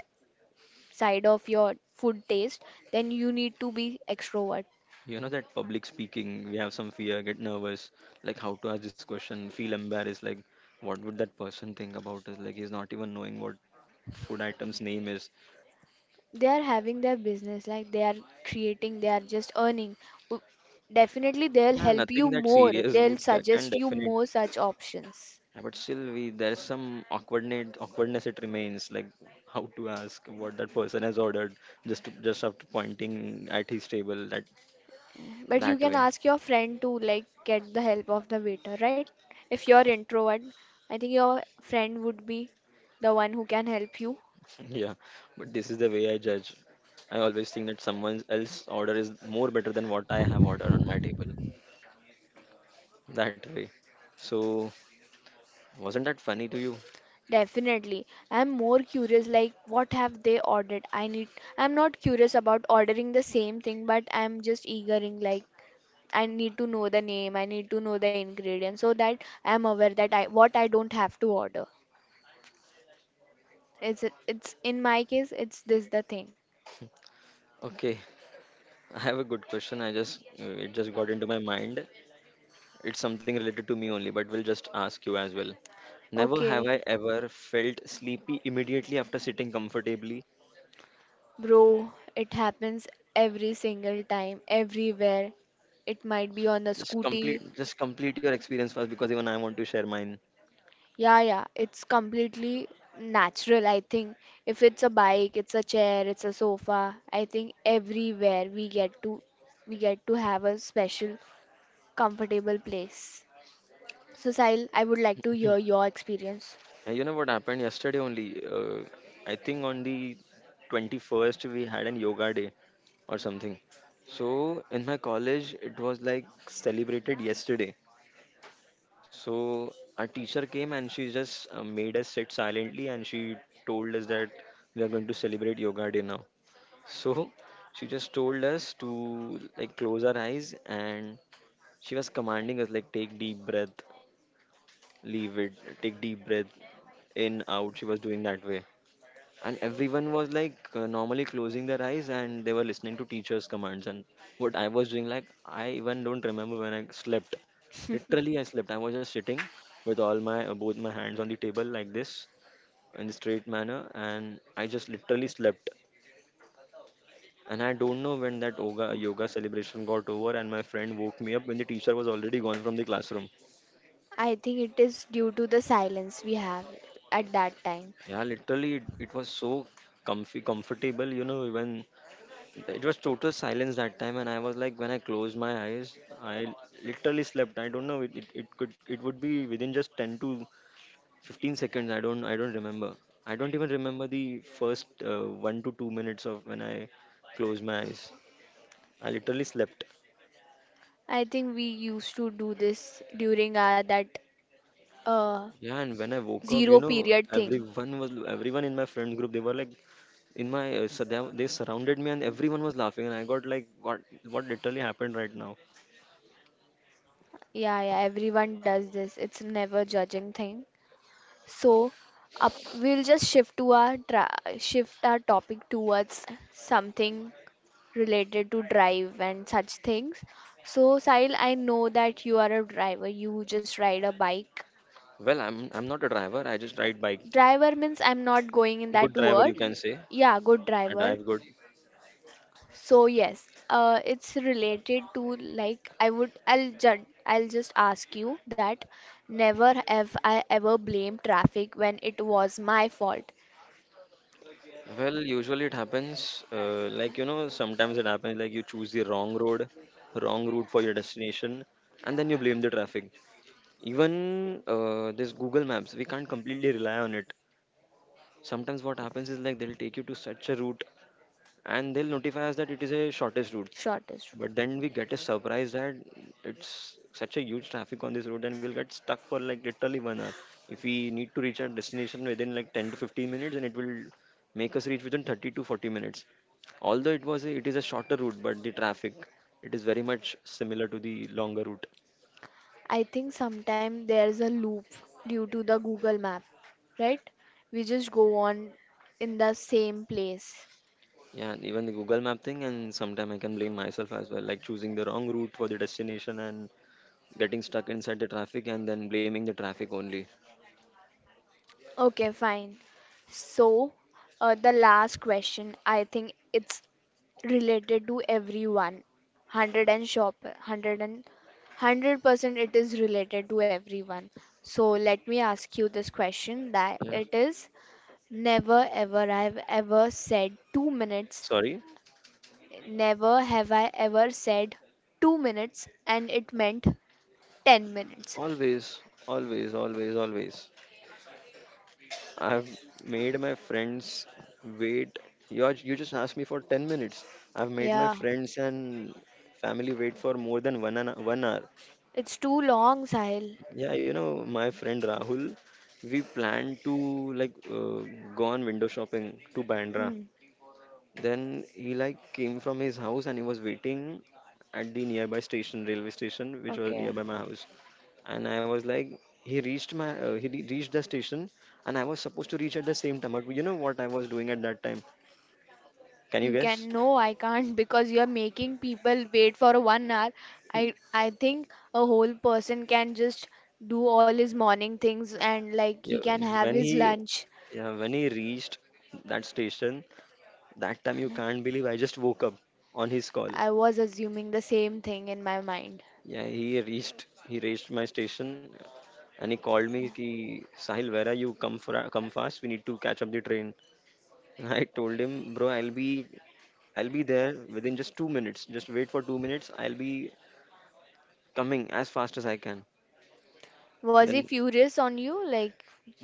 S2: side of your food taste, then you need to be extrovert.
S1: You know that public speaking, we have some fear, get nervous, like how to ask this question, feel embarrassed, like what would that person think about us? Like he's not even knowing what food item's name is.
S2: They are having their business, like they are creating, they are just earning. W- Definitely, they'll
S1: Yeah,
S2: help you
S1: nothing that
S2: more.
S1: serious
S2: They'll
S1: would can
S2: suggest you
S1: definitely.
S2: more such options.
S1: Yeah, but still, we there's some awkwardness. Awkwardness it remains, like how to ask what that person has ordered, just to, just after pointing at his table that
S2: But you
S1: that
S2: can
S1: way.
S2: ask your friend to like get the help of the waiter, right? If you're introvert, I think your friend would be the one who can help you.
S1: Yeah, but this is the way I judge. I always think that someone else's order is more better than what I have ordered on my table. That way. So wasn't that funny to you?
S2: Definitely. I'm more curious like what have they ordered? I'm not curious about ordering the same thing, but I'm just eagering like I need to know the name, I need to know the ingredients so that I'm aware that I what I don't have to order. It's in my case it's this the thing.
S1: Okay, I have a good question. I just it just got into my mind. It's something related to me only, but we'll just ask you as well. Never have I
S2: Okay,
S1: ever felt sleepy immediately after sitting comfortably.
S2: bro, it happens every single time, everywhere. It might be on the scooty.
S1: Just complete your experience first, because even I want to share mine.
S2: Yeah, yeah, it's completely natural. I think if it's a bike, it's a chair, it's a sofa, I think everywhere we get to have a special comfortable place. So Sahil, I would like to hear your experience.
S1: Yeah, you know what happened yesterday only? I think on the 21st we had an yoga day or something. So in my college it was like celebrated yesterday. So our teacher came and she just made us sit silently and she told us that we are going to celebrate yoga day now. So she just told us to like close our eyes and she was commanding us like take deep breath, leave it, take deep breath, in out. She was doing that way. And everyone was like normally closing their eyes and they were listening to teacher's commands. And what I was doing, like, I even don't remember when I slept. Literally, I slept. I was just sitting with all my both my hands on the table like this in the straight manner, and I just literally slept. And I don't know when that yoga celebration got over, and my friend woke me up when the teacher was already gone from the classroom.
S2: I think it is due to the silence we have at that time.
S1: Yeah, literally, it was so comfy, comfortable, even it was total silence that time. And I was like, when I closed my eyes, I literally slept. I don't know, it would be within just 10 to 15 seconds. I don't remember. I don't even remember the first 1 to 2 minutes of when I closed my eyes. I literally slept.
S2: I think we used to do this during our that uh
S1: Yeah, and when I woke up,
S2: zero period thing.
S1: everyone in my friend group. They were like, in my so they surrounded me, and everyone was laughing. And I got like, what literally happened right now?
S2: Yeah, yeah, everyone does this. It's never judging thing. So up, we'll just shift our topic towards something related to drive and such things. So Sahil, I know that you are a driver. You just ride a bike.
S1: Well, I'm not a driver. I just ride bike.
S2: Driver means I'm not going in
S1: Good
S2: that
S1: driver, you
S2: word.
S1: can say.
S2: Yeah, good
S1: I
S2: driver.
S1: drive good.
S2: So yes, it's related to like I would I'll ju- I'll just ask you that never have I ever blamed traffic when it was my fault.
S1: Well, usually it happens. Like, sometimes it happens like you choose the wrong road, wrong route for your destination, and then you blame the traffic. Even this Google Maps, we can't completely rely on it. Sometimes what happens is like they'll take you to such a route, and they'll notify us that it is a shortest route,
S2: Shortest road.
S1: but then we get a surprise that it's such a huge traffic on this road, and we'll get stuck for like literally 1 hour if we need to reach our destination within like 10 to 15 minutes, and it will make us reach within 30 to 40 minutes, although it is a shorter route, but the traffic, it is very much similar to the longer route.
S2: I think sometimes there's a loop due to the Google map, right? We just go on in the same place.
S1: Yeah, and even the Google map thing, and sometime I can blame myself as well, like choosing the wrong route for the destination and getting stuck inside the traffic and then blaming the traffic only.
S2: Okay, fine. So, the last question, I think it's related to everyone. 100 and shop, 100 it is related to everyone. So, let me ask you this question that
S1: Yeah.
S2: it is never ever I've ever said 2 minutes
S1: Sorry.
S2: Never have I ever said 2 minutes and it meant 10 minutes.
S1: Always, always, always, always. I've made my friends wait. You just asked me for 10 minutes. I've made my
S2: Yeah,
S1: friends and family wait for more than one hour.
S2: it's too long, Sahil.
S1: Yeah, my friend Rahul, we planned to like go on window shopping to Bandra.
S2: Hmm.
S1: Then he like came from his house and he was waiting at the nearby station, railway station, which was
S2: Okay.
S1: nearby my house. And I was like, he reached my, he re- reached the station, and I was supposed to reach at the same time. But you know what I was doing at that time? Can
S2: You
S1: you
S2: can
S1: guess?
S2: no, I can't because you're making people wait for 1 hour. I think a whole person can just do all his morning things and like he
S1: Yeah,
S2: can have
S1: when
S2: his
S1: he,
S2: lunch.
S1: yeah, when he reached that station, that time you can't believe I just woke up on his call.
S2: I was assuming the same thing in my mind.
S1: Yeah, he reached my station, and he called me ki Sahil, where are you? Come fast. We need to catch up the train. I told him, bro, I'll be there within just 2 minutes. Just wait for 2 minutes. I'll be coming as fast as I can.
S2: Was he
S1: Then
S2: furious on you? Like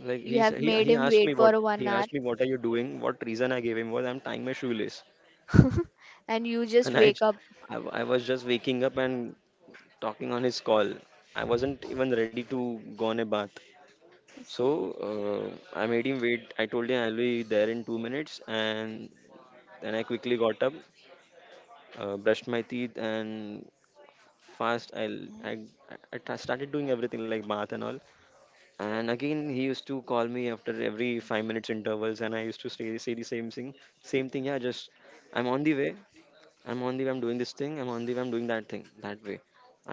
S1: like
S2: you
S1: he
S2: have
S1: sa- he
S2: made
S1: he
S2: him
S1: asked me
S2: wait
S1: what
S2: for one
S1: he
S2: hour
S1: asked me what are you doing? What reason I gave him was I'm tying my shoelace.
S2: and you just
S1: And I,
S2: wake
S1: j-
S2: up.
S1: I w- I was just waking up and talking on his call. I wasn't even ready to go on a bath. So I made him wait. I told him I'll be there in 2 minutes, and then I quickly got up, brushed my teeth, and fast. I l- I t- started doing everything like bath and all. And again, he used to call me after every 5 minutes intervals, and I used to say the same thing. Same thing, yeah. Just, I'm on the way. I'm on the way. I'm doing this thing. I'm on the way. I'm doing that thing. That way.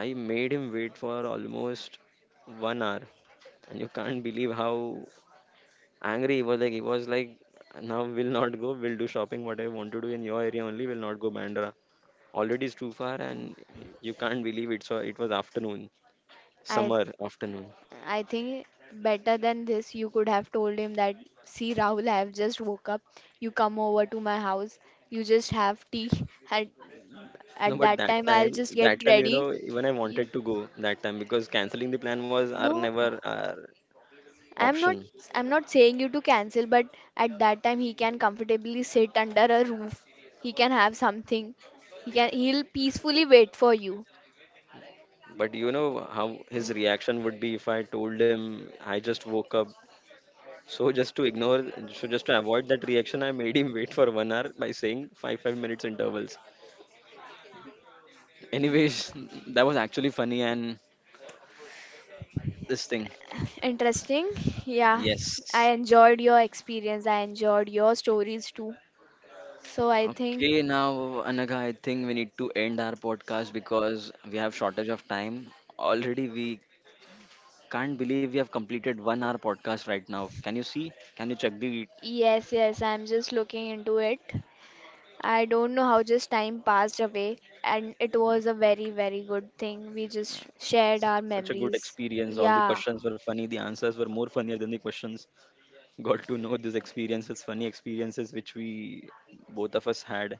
S1: I made him wait for almost 1 hour, and you can't believe how angry he was like now we'll not go, we'll do shopping what I want to do in your area only, we'll not go Bandra, already it's too far. And you can't believe it, so it was afternoon,
S2: I
S1: summer afternoon.
S2: I think better than this you could have told him that see Rahul I have just woke up. You come over to my house. You just have tea. At
S1: No,
S2: at
S1: but
S2: that
S1: that
S2: time I'll
S1: time
S2: just
S1: that
S2: get
S1: time
S2: ready.
S1: even I
S2: You,
S1: wanted to go that time, because canceling the plan was our
S2: no.
S1: never our
S2: I'm not
S1: option.
S2: I'm not saying you to cancel, but at that time he can comfortably sit under a roof. He can have something. He'll peacefully wait for you.
S1: But you know how his reaction would be if I told him I just woke up. So just to ignore so just to avoid that reaction, I made him wait for 1 hour by saying five five minutes intervals. Anyways, that was actually funny and this thing.
S2: Interesting. Yeah. I
S1: Yes.
S2: enjoyed your experience. I enjoyed your stories too. So I
S1: Okay,
S2: think
S1: now Anaga, I think we need to end our podcast because we have shortage of time. Already, we can't believe we have completed 1 hour podcast right now. Can you see? Can you check the?
S2: yes, yes, I'm just looking into it. I don't know how just time passed away, and it was a very, very good thing. We
S1: Yeah,
S2: just shared
S1: such,
S2: our
S1: such a good
S2: memories.
S1: experience. All the
S2: Yeah,
S1: questions were funny. The answers were more funnier than the questions. Got to know these experiences, funny experiences which we both of us had.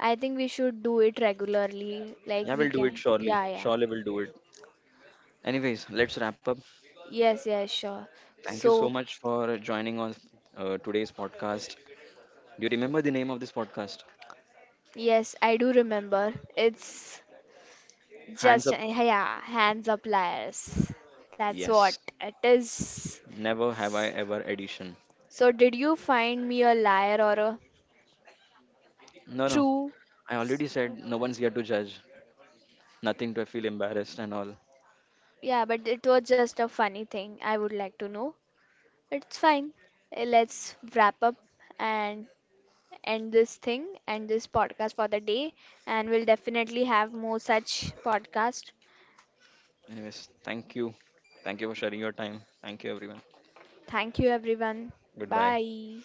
S2: I think we should do it regularly. Like
S1: Yeah,
S2: we
S1: we'll do it
S2: can.
S1: surely.
S2: Yeah, yeah.
S1: Surely, we'll do it. Anyways, let's wrap up.
S2: Yes, yes, sure.
S1: Thank you so
S2: So,
S1: much for joining on today's podcast. Do you remember the name of this podcast?
S2: yes, I do remember. It's
S1: Hands
S2: just,
S1: up.
S2: yeah, hands up liars. That's what
S1: Yes.
S2: it is.
S1: Never have I ever edition.
S2: So, did you find me a liar or a
S1: No, no.
S2: true?
S1: I already said no one's here to judge. Nothing to feel embarrassed and all.
S2: Yeah, but it was just a funny thing. I would like to know. It's fine. Let's wrap up and end this thing and this podcast for the day. And we'll definitely have more such podcast.
S1: Anyways, thank you. Thank you for sharing your time. Thank you, everyone.
S2: Thank you, everyone.
S1: Goodbye.
S2: Bye.